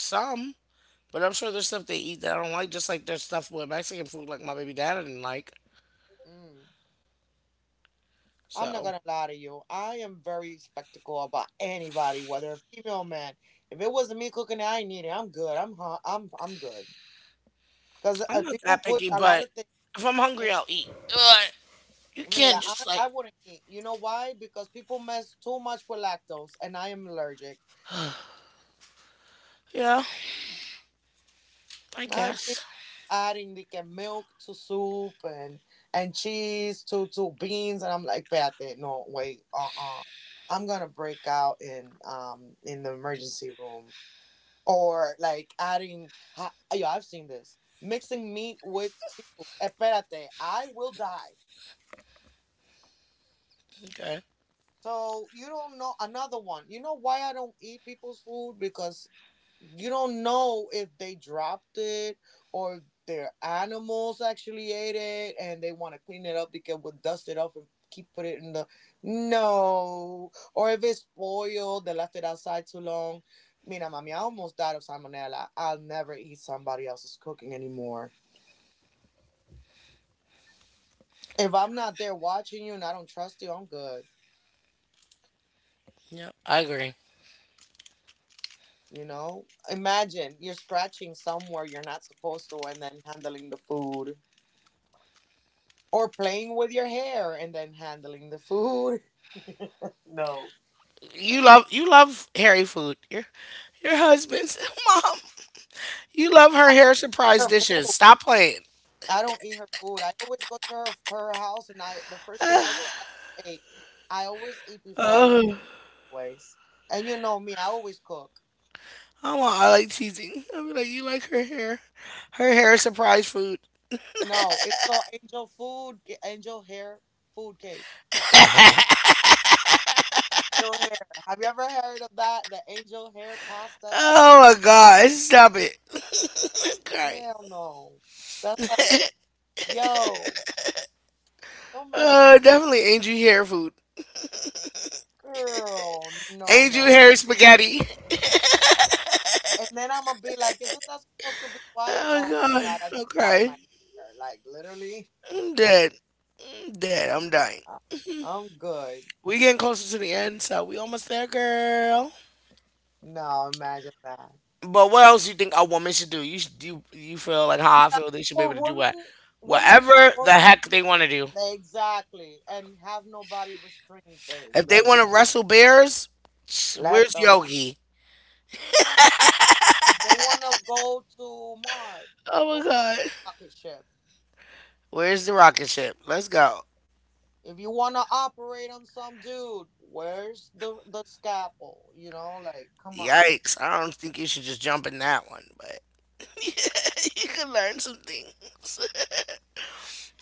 S1: some. But I'm sure there's stuff they eat that I don't like, just like there's stuff with Mexican food like my baby dad didn't like.
S2: Mm. I'm not
S1: So
S2: gonna lie to you. I am very skeptical about anybody, whether a female or man. If it wasn't me cooking, I ain't need it. I'm good. I'm hu- I'm good. Cause
S1: I'm not
S2: people
S1: that
S2: put
S1: picky,
S2: a lot
S1: but
S2: of things.
S1: if I'm
S2: In,
S1: hungry, I'll eat. But you can't
S2: Mira, I
S1: just like,
S2: I wouldn't eat. You know why? Because people mess too much with lactose, and I am allergic.
S1: yeah, I
S2: I've seen
S1: guess.
S2: adding like milk to soup and cheese to beans, and I'm like, "Pate, no, wait, I gonna break out in in the emergency room. Or like adding yo, I've seen this mixing meat with seafood, esperate, I will die.
S1: Okay.
S2: So you don't know. Another one, you know why I don't eat people's food? Because you don't know if they dropped it, or their animals actually ate it and they want to clean it up because we'll dust it off and keep put it in the no, or if it's spoiled, they left it outside too long. Mira mami, I almost died of salmonella. I'll never eat somebody else's cooking anymore. If I'm not there watching you and I don't trust you, I'm good.
S1: Yep, I agree.
S2: You know, imagine you're scratching somewhere you're not supposed to and then handling the food. Or playing with your hair and then handling the food. (laughs) No.
S1: You love hairy food. Your husband's (laughs) mom. You love her
S2: I eat
S1: hair surprise
S2: her
S1: dishes.
S2: food.
S1: Stop playing.
S2: I don't eat her food. I always go to her house, and I the first thing I say I ate. I always eat before I leave,
S1: Oh,
S2: always. And you know me, I always cook.
S1: I want. I like teasing. I'll be like, you like her hair surprise food.
S2: No, it's called angel food, angel hair food cake. No, angel hair. Have you ever heard of that? The angel hair pasta?
S1: Oh my God! Stop it. (laughs) Okay.
S2: Hell no. That's like, yo, don't mess with me,
S1: Definitely angel hair food.
S2: girl. No,
S1: Angel
S2: no,
S1: hair spaghetti.
S2: and then I'm gonna be like, isn't that supposed to be white? Oh my
S1: Oh
S2: god, I
S1: god.
S2: just dyed
S1: Okay.
S2: my hair. Like literally,
S1: I'm dead. I'm dead. I'm dying.
S2: I- I'm good.
S1: We getting closer to the end, so we almost there, girl.
S2: No, imagine that.
S1: But what else you think a woman should do? You should, you feel like how I
S2: Yeah,
S1: feel they should be
S2: or
S1: able to do what,
S2: women, women
S1: whatever the
S2: supposed,
S1: heck they want to do.
S2: exactly, and have nobody restrain them.
S1: If they
S2: them.
S1: want to wrestle bears, sh-
S2: Let
S1: where's
S2: them.
S1: Yogi?
S2: They wanna go to Mars.
S1: Oh
S2: Go,
S1: my
S2: where's
S1: god.
S2: the rocket ship?
S1: Where's the rocket ship? Let's go.
S2: If you wanna operate on some dude, where's the scalpel? You know, like come on.
S1: Yikes. I don't think you should just jump in that one, but (laughs) you can learn some things. (laughs)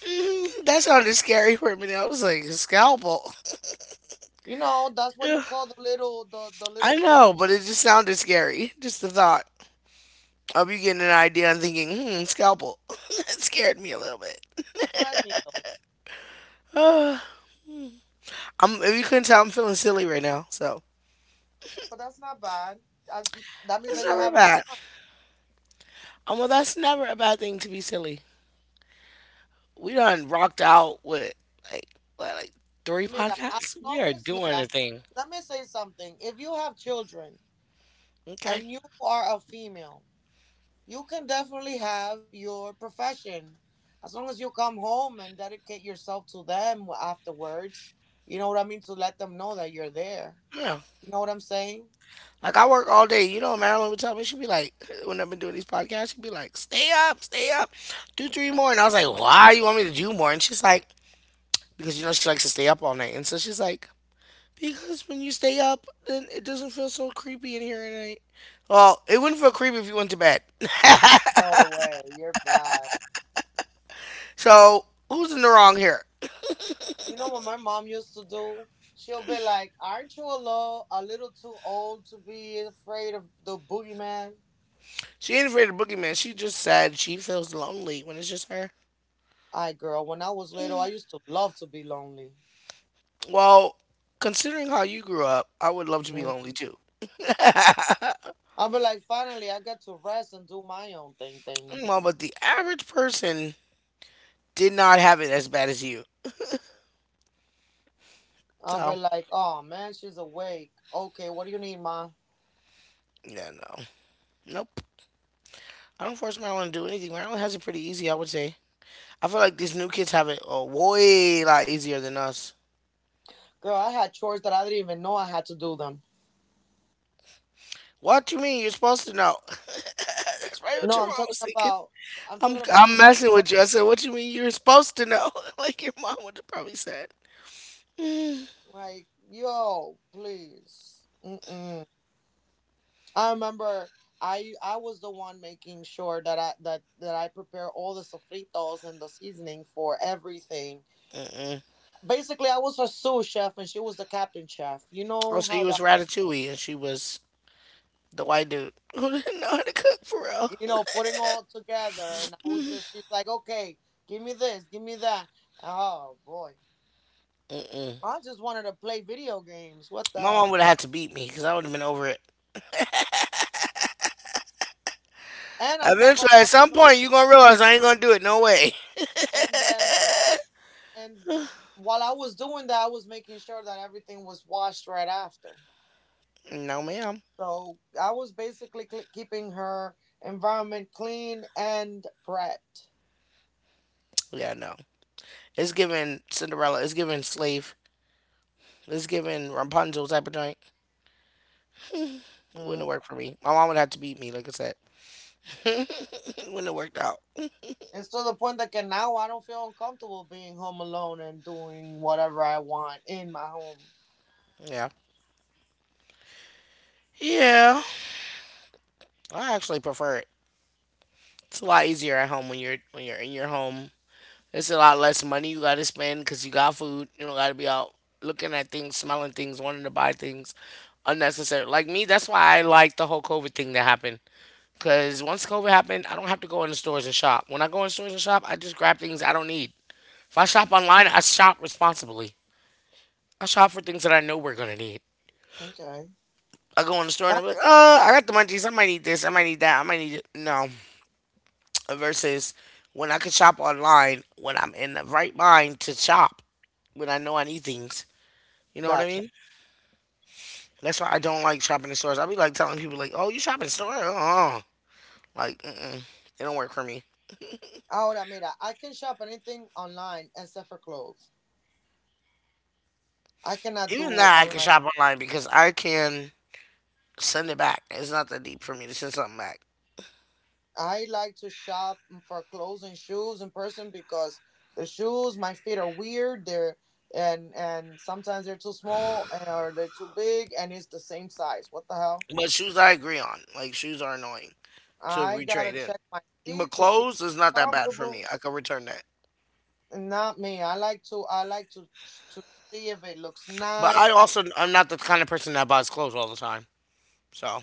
S1: Mm, that sounded scary for a minute. I was like, a scalpel.
S2: You know, that's what you
S1: Ugh.
S2: call the little the little
S1: I
S2: surgery,
S1: know, but it just sounded scary. Just the thought of you getting an idea and thinking, hmm, scalpel. (laughs) It scared me a little bit.
S2: a thread needle.
S1: Uh, if you couldn't tell, I'm feeling silly right now. So
S2: But that's not bad. I, that means
S1: it's
S2: that you're
S1: never
S2: having
S1: bad.
S2: fun.
S1: Well, that's never a bad thing to be silly. We done rocked out with like, what, like three
S2: Mira, as
S1: podcasts. We
S2: long
S1: are
S2: as
S1: doing a
S2: mira,
S1: thing.
S2: let me say something. If you have children
S1: Okay.
S2: and you are a female, you can definitely have your profession. As long as you come home and dedicate yourself to them afterwards. You know what I mean? To let them know that you're there.
S1: Yeah.
S2: You know what I'm saying?
S1: Like I work all day. You know, what Marilyn would tell me, she'd be like, (laughs) when I've been doing these podcasts, she'd be like, stay up, do three more." And I was like, "Why you want me to do more?" And she's like, "Because you know she likes to stay up all night." And so she's like, "Because when you stay up, then it doesn't feel so creepy in here at night." Well, it wouldn't feel creepy if you went to bed. (laughs)
S2: No way. You're bad.
S1: So who's in the wrong here?
S2: You know what my mom used to do? She'll be like, aren't you a little too old to be afraid of the boogeyman?
S1: She ain't afraid of boogeyman. She just said she feels lonely when it's just her.
S2: I, girl, when I was little, I used to love to be lonely.
S1: Well, considering how you grew up, I would love to be
S2: Yeah.
S1: lonely too. (laughs)
S2: I'll be like, finally, I get to rest and do my own thing.
S1: Well, but the average person did not have it as bad as you.
S2: I'll
S1: So,
S2: be like, oh, man, she's awake. Okay, what do you need, ma?
S1: yeah, no. Nope. I don't force Maryland to do anything. Maryland has it pretty easy, I would say. I feel like these new kids have it a way lot easier than us.
S2: Girl, I had chores that I didn't even know I had to do them.
S1: What do you mean? You're supposed to know. (laughs) That's probably what
S2: No,
S1: your mom was thinking.
S2: I'm talking about
S1: I'm
S2: I had
S1: messing
S2: chores.
S1: with you. I said, what you mean you're supposed to know? (laughs) Like your mom would have probably said.
S2: Like, yo, please. Mm, I remember I was the one making sure that I prepare all the sofritos and the seasoning for everything.
S1: Mm-mm.
S2: Basically, I was a sous chef and she was the captain chef. You
S1: Oh,
S2: know
S1: so
S2: how
S1: you was
S2: that,
S1: Ratatouille and she was the white dude (laughs) who didn't know how to cook for real.
S2: you know, putting all together, and I was just she's like, okay, give me this, give me that. Oh boy,
S1: Mm-mm.
S2: I just wanted to play video games. What the
S1: My mom
S2: hell?
S1: would have had to beat me because I would have been over it.
S2: And on top of
S1: Eventually, at
S2: that was
S1: some
S2: the-
S1: point, you're gonna realize I ain't gonna do it. No way. (laughs)
S2: and then and while I was doing that, I was making sure that everything was washed right after.
S1: No, ma'am.
S2: So I was basically keeping her environment clean and prepped.
S1: Yeah, no. It's giving Cinderella. It's giving slave. It's giving Rapunzel type of joint. Wouldn't
S2: Mm.
S1: work for me. My mom would have to beat me, like I said. (laughs) It wouldn't have worked out.
S2: It's to the point that now I don't feel uncomfortable being home alone and doing whatever I want in my home.
S1: Yeah. Yeah. I actually prefer it. It's a lot easier at home when you're in your home. It's a lot less money you gotta spend because you got food. You don't gotta be out looking at things, smelling things, wanting to buy things unnecessary. Like me, that's why I like the whole COVID thing that happened. Because once COVID happened, I don't have to go in the stores and shop. When I go in stores and shop, I just grab things I don't need. If I shop online, I shop responsibly. I shop for things that I know we're going to need.
S2: Okay.
S1: I go in the store and
S2: That-
S1: I'm like, I got the munchies. I might need this. I might need that. I might need it. No. Versus when I could shop online when I'm in the right mind to shop when I know I need things. You know what I
S2: Gotcha.
S1: mean? That's why I don't like shopping in stores. I be like telling people like, "Oh, you shop in store? Uh-uh. Like, mm-mm, it don't work for me."
S2: Ahora, mira, I can shop anything online except for clothes. I cannot do
S1: Even that I can
S2: online.
S1: shop online because I can send it back. It's not that deep for me to send something back.
S2: I like to shop for clothes and shoes in person because the shoes, my feet are weird. They're, and sometimes they're too small and or they're too big and it's the same size. What the hell?
S1: But shoes, I agree on. Like shoes are annoying to
S2: I gotta
S1: retrade
S2: check my
S1: in.
S2: feet
S1: But
S2: to see if
S1: clothes is
S2: it's
S1: not that bad for
S2: comfortable.
S1: me. I could return that.
S2: Not me. I like to I like to see if it looks
S1: But
S2: nice.
S1: I also, I'm not the kind of person that buys clothes all the time. So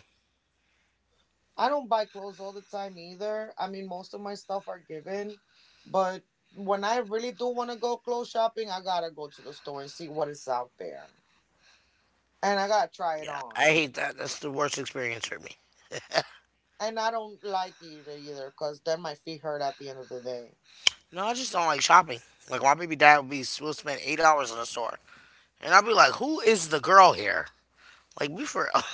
S2: I don't buy clothes all the time either. I mean, most of my stuff are given, but when I really do want to go clothes shopping, I gotta go to the store and see what is out there, and I gotta try it
S1: yeah, I
S2: on.
S1: hate that. That's the worst experience for me.
S2: And I don't like it either because then my feet hurt at the end of the day.
S1: No, I just don't like shopping. Like my baby dad would be will spend 8 hours in a store, and I'd be like, "Who is the girl here?" Like be for real.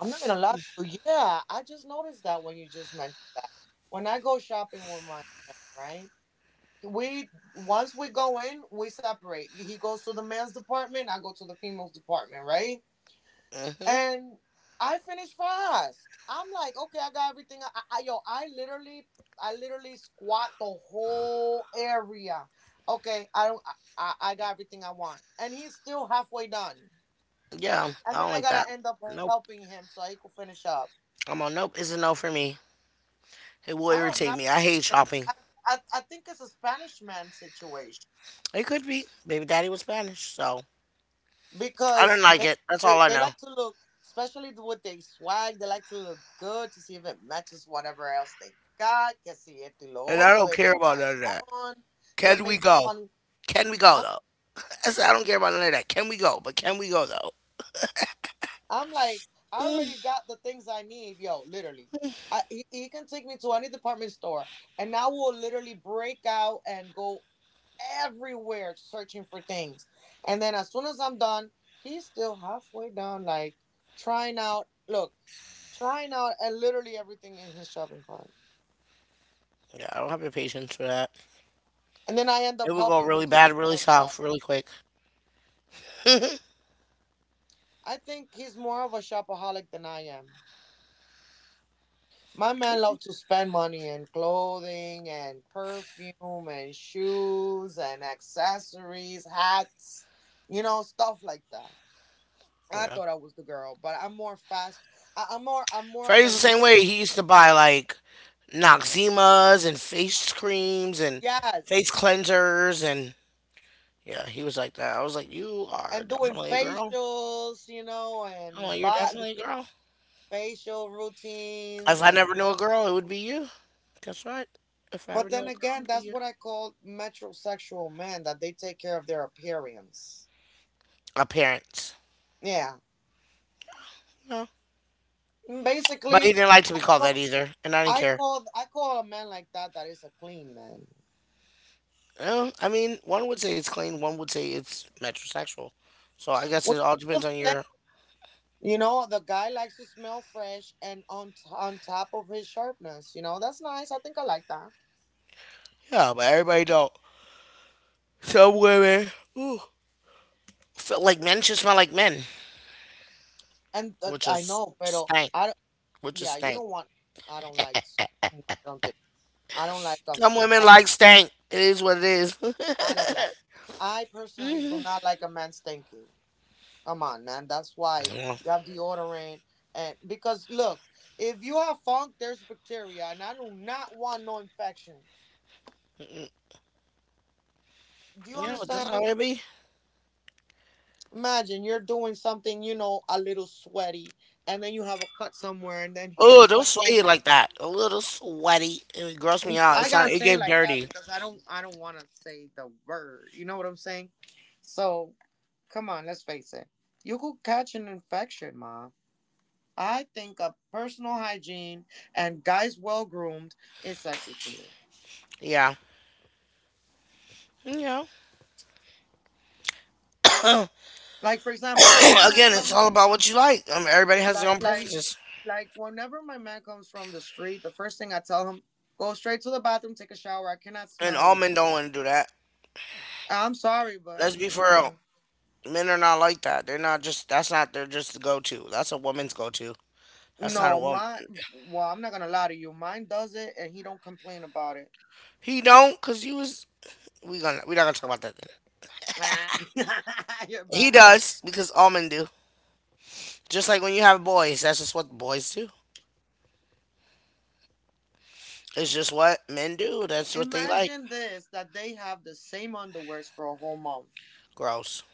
S2: I'm not gonna lie to you. Yeah, I just noticed that when you just mentioned that. When I go shopping with my man, right? We Once we go in, we separate. He goes to the men's department, I go to the females department, right?
S1: (laughs) Hmm.
S2: And I finished fast. I'm like, okay, I got everything. I, yo, I literally squat the whole area. Okay, I don't, I got everything I want, and he's still halfway done.
S1: Yeah, I
S2: And then
S1: don't
S2: I
S1: like that.
S2: gotta end up
S1: Nope.
S2: helping him so he could finish up.
S1: I'm on nope. It's a no for me. It will
S2: I have
S1: irritate
S2: not.
S1: me. I hate shopping.
S2: I, I think it's a Spanish man situation.
S1: It could be. Baby daddy was Spanish, so I didn't
S2: because
S1: like
S2: they,
S1: it. That's
S2: they
S1: all I
S2: they
S1: know.
S2: like to look, especially the- with their swag. They like to look good to see if it matches whatever else they got. Que si esto y lo
S1: And I
S2: otro,
S1: don't
S2: they
S1: care about
S2: try it
S1: none of that.
S2: on. They
S1: Can we
S2: make this
S1: go?
S2: funny.
S1: Can we go
S2: I,
S1: though? I said I don't care about none of that. Can we go? But can we go though?
S2: I'm like, I already got the things I need, yo. Literally, I he can take me to any department store, and I will literally break out and go everywhere searching for things. And then as soon as I'm done, he's still halfway down, like trying out. Look. Trying out, and literally everything in his shopping cart.
S1: Yeah, I don't have the patience for that.
S2: And then I end
S1: It
S2: up
S1: would go
S2: helping him
S1: really
S2: to
S1: bad, really
S2: hurry up. Yeah.
S1: south, really quick.
S2: I think he's more of a shopaholic than I am. My
S1: Could
S2: man
S1: be.
S2: loves to spend money in clothing and perfume and shoes and accessories, hats, you know, stuff like that. I
S1: Yeah.
S2: thought I was the girl, but I'm more fast. I, I'm more. I'm more of
S1: Freddie's the
S2: an
S1: same way. He used to buy like Noxemas and face creams and face
S2: yes,
S1: cleansers and yeah, he was like that. I was like, "You are
S2: and doing
S1: definitely a girl."
S2: facials, you know,
S1: I'm
S2: and
S1: like, "You're
S2: body
S1: definitely a girl."
S2: facial routines
S1: If I
S2: and
S1: never knew a girl, it would
S2: perfume.
S1: be you. That's right. If I ever
S2: But then
S1: know a girl
S2: again,
S1: over
S2: that's
S1: you,
S2: what I call metrosexual men that they take care of their appearance.
S1: my parents.
S2: Yeah.
S1: No.
S2: Mm,
S1: But he
S2: basically,
S1: didn't like to be called that
S2: well,
S1: either, and I didn't care.
S2: I call a man like that that is a clean man.
S1: Well, I mean, one would say it's clean, one would say it's metrosexual. So I guess
S2: Which
S1: it
S2: is
S1: all
S2: still
S1: depends on
S2: the same.
S1: your
S2: You know, the guy likes to smell fresh and on on top of his sharpness. You know, that's nice. I think I like that.
S1: yeah. But everybody don't. Some women, ooh, feel like men should smell like men,
S2: And
S1: which
S2: I
S1: is
S2: know, pero
S1: stank,
S2: I don't,
S1: which is
S2: yeah, you
S1: stank.
S2: don't want. I don't like. S- No, I don't think. I don't like a.
S1: Some women
S2: I
S1: like stank. It is what it is. (laughs)
S2: I don't like. I personally do not like a man stinky. Come on, man. That's why
S1: yeah,
S2: you have deodorant. And because look, if you have funk, there's bacteria, and I do not want no infections. Do you
S1: yeah, but that's how
S2: understand?
S1: it be.
S2: Imagine you're doing something, you know, a little sweaty, and then you have a cut somewhere, and then his
S1: Oh, don't
S2: sweat
S1: sweat
S2: goes.
S1: it like that. A little sweaty. It grossed me out.
S2: I
S1: It's
S2: gotta
S1: not. It
S2: say it
S1: gave
S2: like that
S1: dirty.
S2: because I don't want to say the word. You know what I'm saying? So come on, let's face it. You could catch an infection, ma. I think a personal hygiene and guys well groomed is sexy to me.
S1: Yeah. Yeah. (coughs) Uh,
S2: Like for example, when my
S1: (clears throat)
S2: man
S1: again, it's
S2: comes,
S1: all about what you like. Everybody has their
S2: like
S1: own
S2: like
S1: preferences,
S2: like whenever my man comes from the street, the first thing I tell him, go straight to the bathroom, take a shower. I cannot
S1: and
S2: smell
S1: all
S2: you.
S1: men don't want to do that.
S2: I'm sorry, but
S1: Let's be for real.
S2: mm-mm.
S1: Men are not like that. They're not just. That's not their just the go to. That's a woman's go to. That's not a
S2: no,
S1: woman.
S2: my Well, I'm not gonna lie to you. Mine does it, and he don't complain about it.
S1: He don't, cause you was. We gonna. We not gonna talk about that. Then.
S2: Ah, (laughs) You're
S1: He
S2: bad.
S1: does because all men do. Just like when you have boys, that's just what boys do. It's just what men do. That's what they like.
S2: Imagine this: that they have the same underwears for a whole month.
S1: Gross.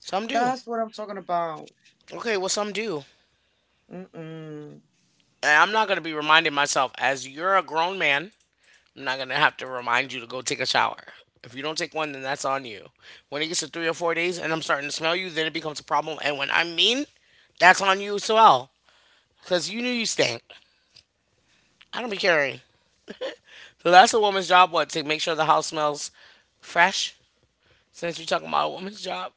S1: Some do.
S2: That's what I'm talking about.
S1: Okay, well some do.
S2: Mm-mm.
S1: And I'm not gonna be reminding myself as you're a grown man. I'm not gonna have to remind you to go take a shower. If you don't take one, then that's on you. When it gets to three or four days and I'm starting to smell you, then it becomes a problem. And when I mean, that's on you as well. Because you knew you stink. I don't be caring. So that's a woman's job, what? To make sure the house smells fresh? Since you're talking about a woman's job.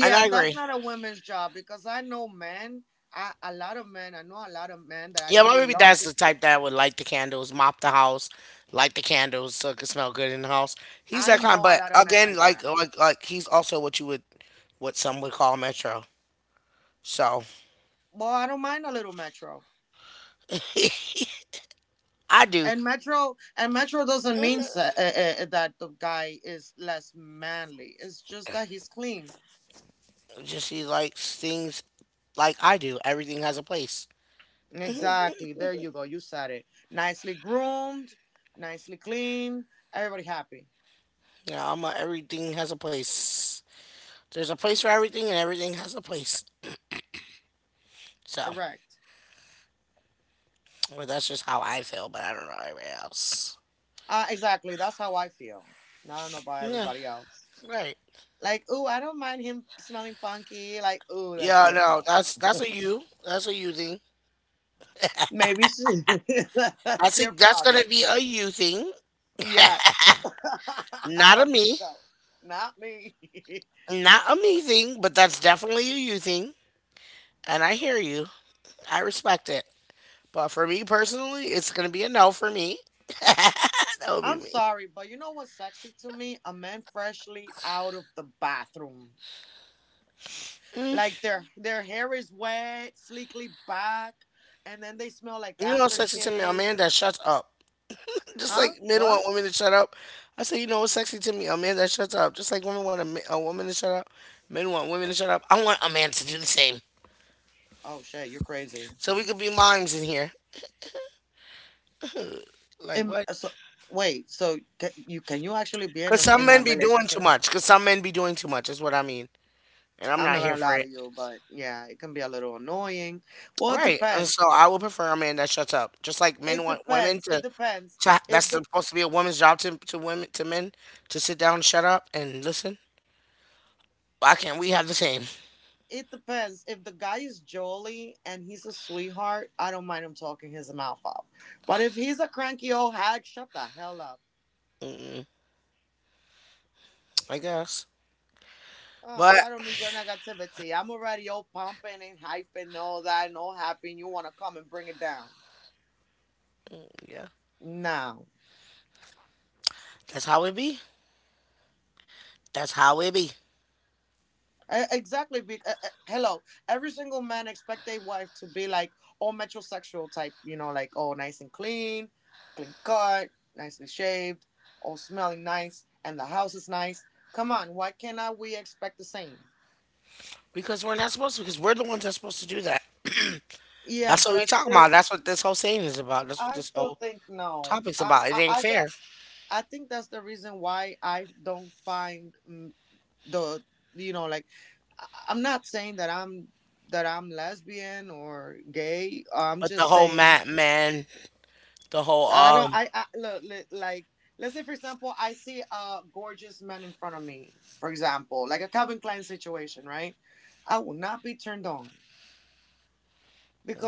S1: And I
S2: that's
S1: agree.
S2: not a women's job because I know men, a lot of men, I know a lot of men that
S1: Yeah, my
S2: actually
S1: baby
S2: love
S1: dad's
S2: to.
S1: the type that would light the candles, mop the house, light the candles so it could smell good in the house. He's
S2: I
S1: that kind.
S2: know a
S1: But
S2: lot of men
S1: again,
S2: like
S1: like
S2: that.
S1: like like he's also what you would what some would call metro. So
S2: Well, I don't mind a little metro.
S1: I do.
S2: And metro doesn't mean that the guy is less manly. It's just that he's clean.
S1: Just he likes things like I do. Everything has a place.
S2: Exactly. There you go. You said it. Nicely groomed, nicely clean, everybody happy.
S1: You know, I'm a everything has a place. There's a place for everything, and everything has a place. So,
S2: Correct.
S1: well, that's just how I feel. But I don't know everybody else.
S2: Exactly. That's how I feel. I don't know about
S1: Yeah,
S2: everybody else.
S1: right.
S2: Like, ooh, I don't mind him smelling funky. Like, ooh, that's
S1: Yeah,
S2: your
S1: no,
S2: problem.
S1: that's a you. That's a you thing.
S2: Maybe she, (laughs)
S1: I
S2: that's your
S1: think that's gonna
S2: problem.
S1: be a you thing,
S2: Yes. (laughs) I
S1: not a
S2: don't think
S1: me,
S2: so. Not me.
S1: not a me thing, but that's definitely a you thing. And I hear you. I respect it. But for me personally, it's gonna be a no for me. That
S2: (laughs)
S1: would be
S2: I'm
S1: me.
S2: sorry, but you know what's sexy to me? A man freshly out of the bathroom. Like their hair is wet, sleekly back, and then they smell like
S1: You know what's sexy to me? A
S2: aftershave.
S1: man that shuts up. Just
S2: Huh?
S1: like men want
S2: What?
S1: women to shut up. I say, you know what's sexy to me? A man that shuts up. Just like women want a, a woman to shut up. Men want women to shut up. I want a man to do the same.
S2: Oh shit, you're crazy.
S1: So we could be mimes in here. Like what?
S2: So wait, so can you actually be
S1: Because some
S2: in a
S1: men be doing too
S2: relationship?
S1: much. Because some men be doing too much is what I mean. And I'm
S2: I'm not
S1: not
S2: gonna
S1: here for
S2: lie to
S1: it.
S2: you, but yeah, it can be a little annoying. Well, it
S1: Right. And
S2: depends.
S1: so I would prefer a man that shuts up. Just like men want women
S2: It depends.
S1: to that's
S2: If the
S1: supposed to be a woman's job to women to men to sit down, shut up, and listen. Why can't we have the same?
S2: it depends. If the guy is jolly and he's a sweetheart, I don't mind him talking his mouth out. But if he's a cranky old hag, shut the hell up.
S1: I guess. But
S2: I don't need your negativity. I'm already all pumping and hyping and all that and all happy and you wanna come and bring it down.
S1: yeah.
S2: No.
S1: That's how it be. That's how it be.
S2: Exactly. Hello. Every single man expect their wife to be like all metrosexual type, you know, like all nice and clean, clean cut, nicely shaved, all smelling nice, and the house is nice. Come on, why cannot we expect the same?
S1: Because we're not supposed to, because we're the ones that's supposed to do that.
S2: Yeah,
S1: That's
S2: but
S1: what we talking about. That's what this whole saying is about. That's what
S2: I
S1: this
S2: still
S1: whole
S2: think no.
S1: topic's about. It ain't
S2: I got.
S1: fair.
S2: I think that's the reason why I don't find the, you know, like I'm not saying that I'm lesbian or gay. I'm
S1: But the
S2: just
S1: whole
S2: saying
S1: Matt man, the whole
S2: I don't. I look like let's say for example, I see a gorgeous man in front of me. For example, like a Calvin Klein situation, right? I will not be turned on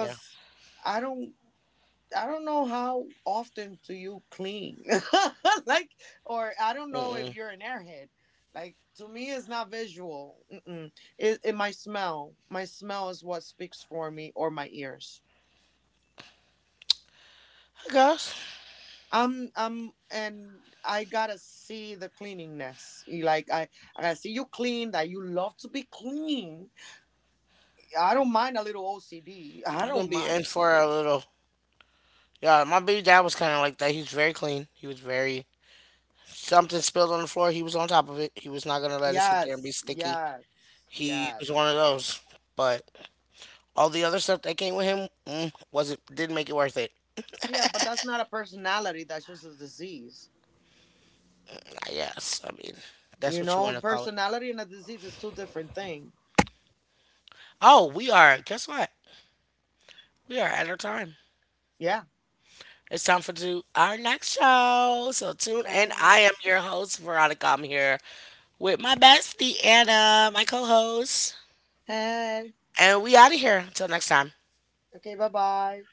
S1: yeah.
S2: I don't. I don't know how often do you clean, (laughs) like, or I don't know if
S1: Mm-mm.
S2: you're an airhead. Like to me, it's not visual. Mm-mm. It my smell. My smell is what speaks for me, or my ears.
S1: I guess
S2: And I gotta see the cleanliness. You Like I gotta see you clean. That you love to be clean. I don't mind a little OCD. I
S1: you gonna
S2: don't
S1: be in
S2: mind.
S1: for a little. Yeah, my baby dad was kind of like that. He was very clean. He was very something spilled on the floor. He was on top of it. He was not gonna let it sit there and be
S2: Yes,
S1: sticky.
S2: yes,
S1: He was
S2: yes.
S1: one of those. But all the other stuff that came with him wasn't didn't make it worth it.
S2: Yeah, but that's not a personality. That's just a disease.
S1: Yes, I mean, that's
S2: You
S1: what you
S2: know,
S1: want to call it.
S2: personality and a disease is two different things.
S1: Oh, we are, guess what? We are at our time.
S2: Yeah.
S1: It's time for to our next show. So tune in. I
S2: Hi.
S1: am your host, Veronica. I'm here with my bestie, Anna, my co host.
S2: Hey.
S1: And we out of here. Until next time.
S2: Okay. Bye. Bye.